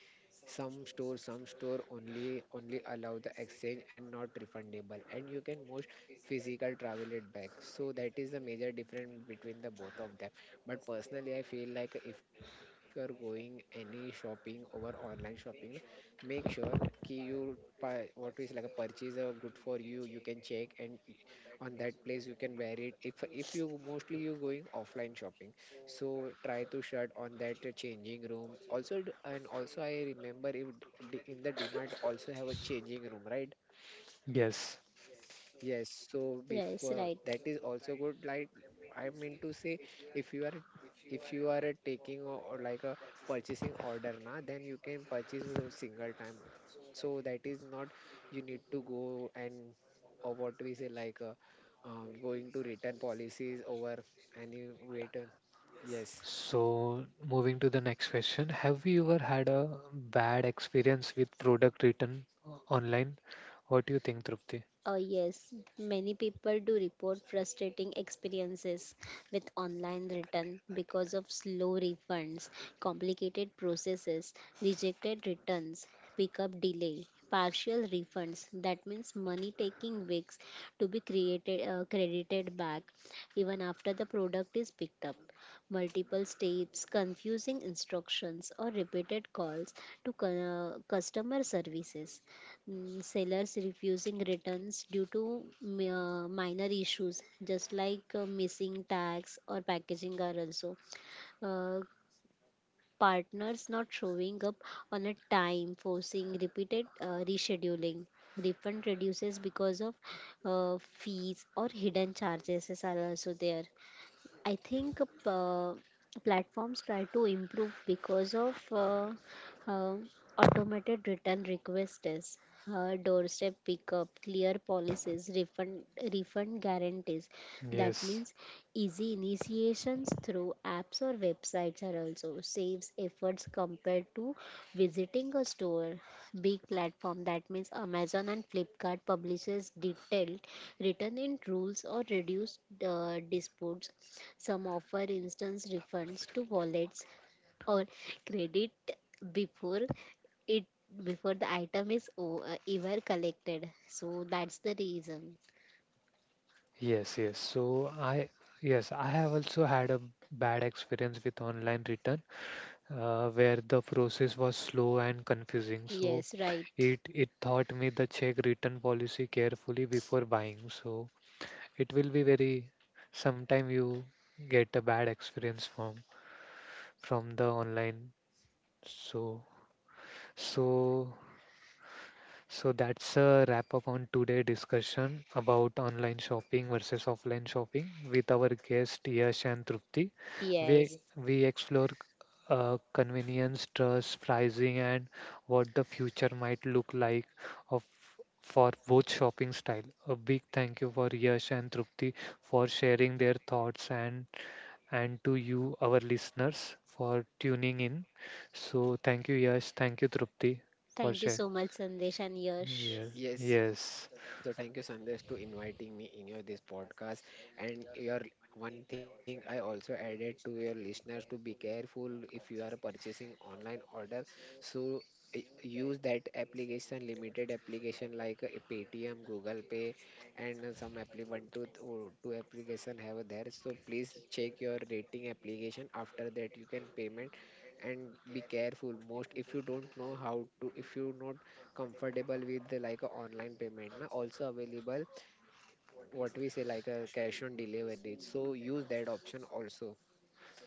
[SPEAKER 3] some store only allow the exchange and not refundable, and you can most physical travel it back. So that is the major difference between the both of them, but personally I feel like, if you are going any shopping over online shopping, make sure ki you what is like a purchase, good for you, you can check, and on that place you can wear it, if you mostly you going offline shopping, so try to shut on that, changing room also, and also I remember, if d- in the demand also have a changing room, right?
[SPEAKER 1] yes.
[SPEAKER 3] Yes, so before
[SPEAKER 2] Yes, right.
[SPEAKER 3] that is also good, like, I mean to say, if you are, taking or, like a purchasing order na, then you can purchase a single time, so that is not, you need to go and or, what we say like, going to return policies over any wait, yes,
[SPEAKER 1] So, moving to the next question, have you ever had a bad experience with product written online? What do you think, Trupti?
[SPEAKER 2] Yes, many people do report frustrating experiences with online return because of slow refunds, complicated processes, rejected returns, pickup delay, partial refunds. That means money taking weeks to be created credited back even after the product is picked up. Multiple steps, confusing instructions, or repeated calls to customer services, mm, sellers refusing returns due to minor issues, just like missing tags or packaging are also. Uh, Partners not showing up on a time, forcing repeated rescheduling. Refund reduces because of fees or hidden charges are also there. I think uh, platforms try to improve because of uh, automated return requests, doorstep pickup, clear policies, refund guarantees. That
[SPEAKER 1] Yes,
[SPEAKER 2] means easy initiations through apps or websites are also saves efforts compared to visiting a store. Big platform that means Amazon and Flipkart publishes detailed written in rules or reduced disputes. Some offer instance refunds to wallets or credit before it before the item is ever collected. So that's the reason.
[SPEAKER 1] yes, yes. So I have also had a bad experience with online return, where the process was slow and confusing. So
[SPEAKER 2] Yes, right.
[SPEAKER 1] it taught me the check return policy carefully before buying. So it will be very. Sometime you get a bad experience from the online. So, so, so that's a wrap up on today discussion about online shopping versus offline shopping with our guest Yash and Trupti.
[SPEAKER 2] Yes.
[SPEAKER 1] We we explore convenience, trust, pricing, and what the future might look like of for both shopping style. A big thank you for Yash and Trupti for sharing their thoughts and to you, our listeners, for tuning in. So, thank you, Yash. Thank you, Trupti, for
[SPEAKER 2] Thank you
[SPEAKER 1] sharing.
[SPEAKER 2] so much, Sandesh and Yash.
[SPEAKER 1] Yeah.
[SPEAKER 3] yes.
[SPEAKER 1] Yes.
[SPEAKER 3] So thank you, Sandesh, to inviting me in your this podcast. And your one thing I also added to your listeners to be careful if you are purchasing online order. So use that application, limited application like, Paytm, Google Pay, and some appli one two th- or two application have there. So please check your rating application. After that, you can payment and be careful most, if you don't know how to, if you not comfortable with the, like a online payment na, also available, what we say like a cash on delivery, so use that option also.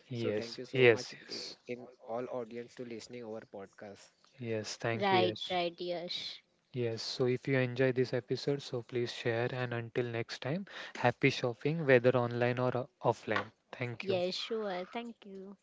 [SPEAKER 3] So thank you
[SPEAKER 1] Yes.
[SPEAKER 3] so much,
[SPEAKER 1] Yes. Yes.
[SPEAKER 3] in all audience to listening our podcast.
[SPEAKER 1] Yes. Thank you,
[SPEAKER 2] Right,
[SPEAKER 1] Yash.
[SPEAKER 2] right, Yash.
[SPEAKER 1] Yes. So, if you enjoy this episode, so please share. And until next time, happy shopping, whether online or offline. Thank you.
[SPEAKER 2] Yes, sure. Thank you.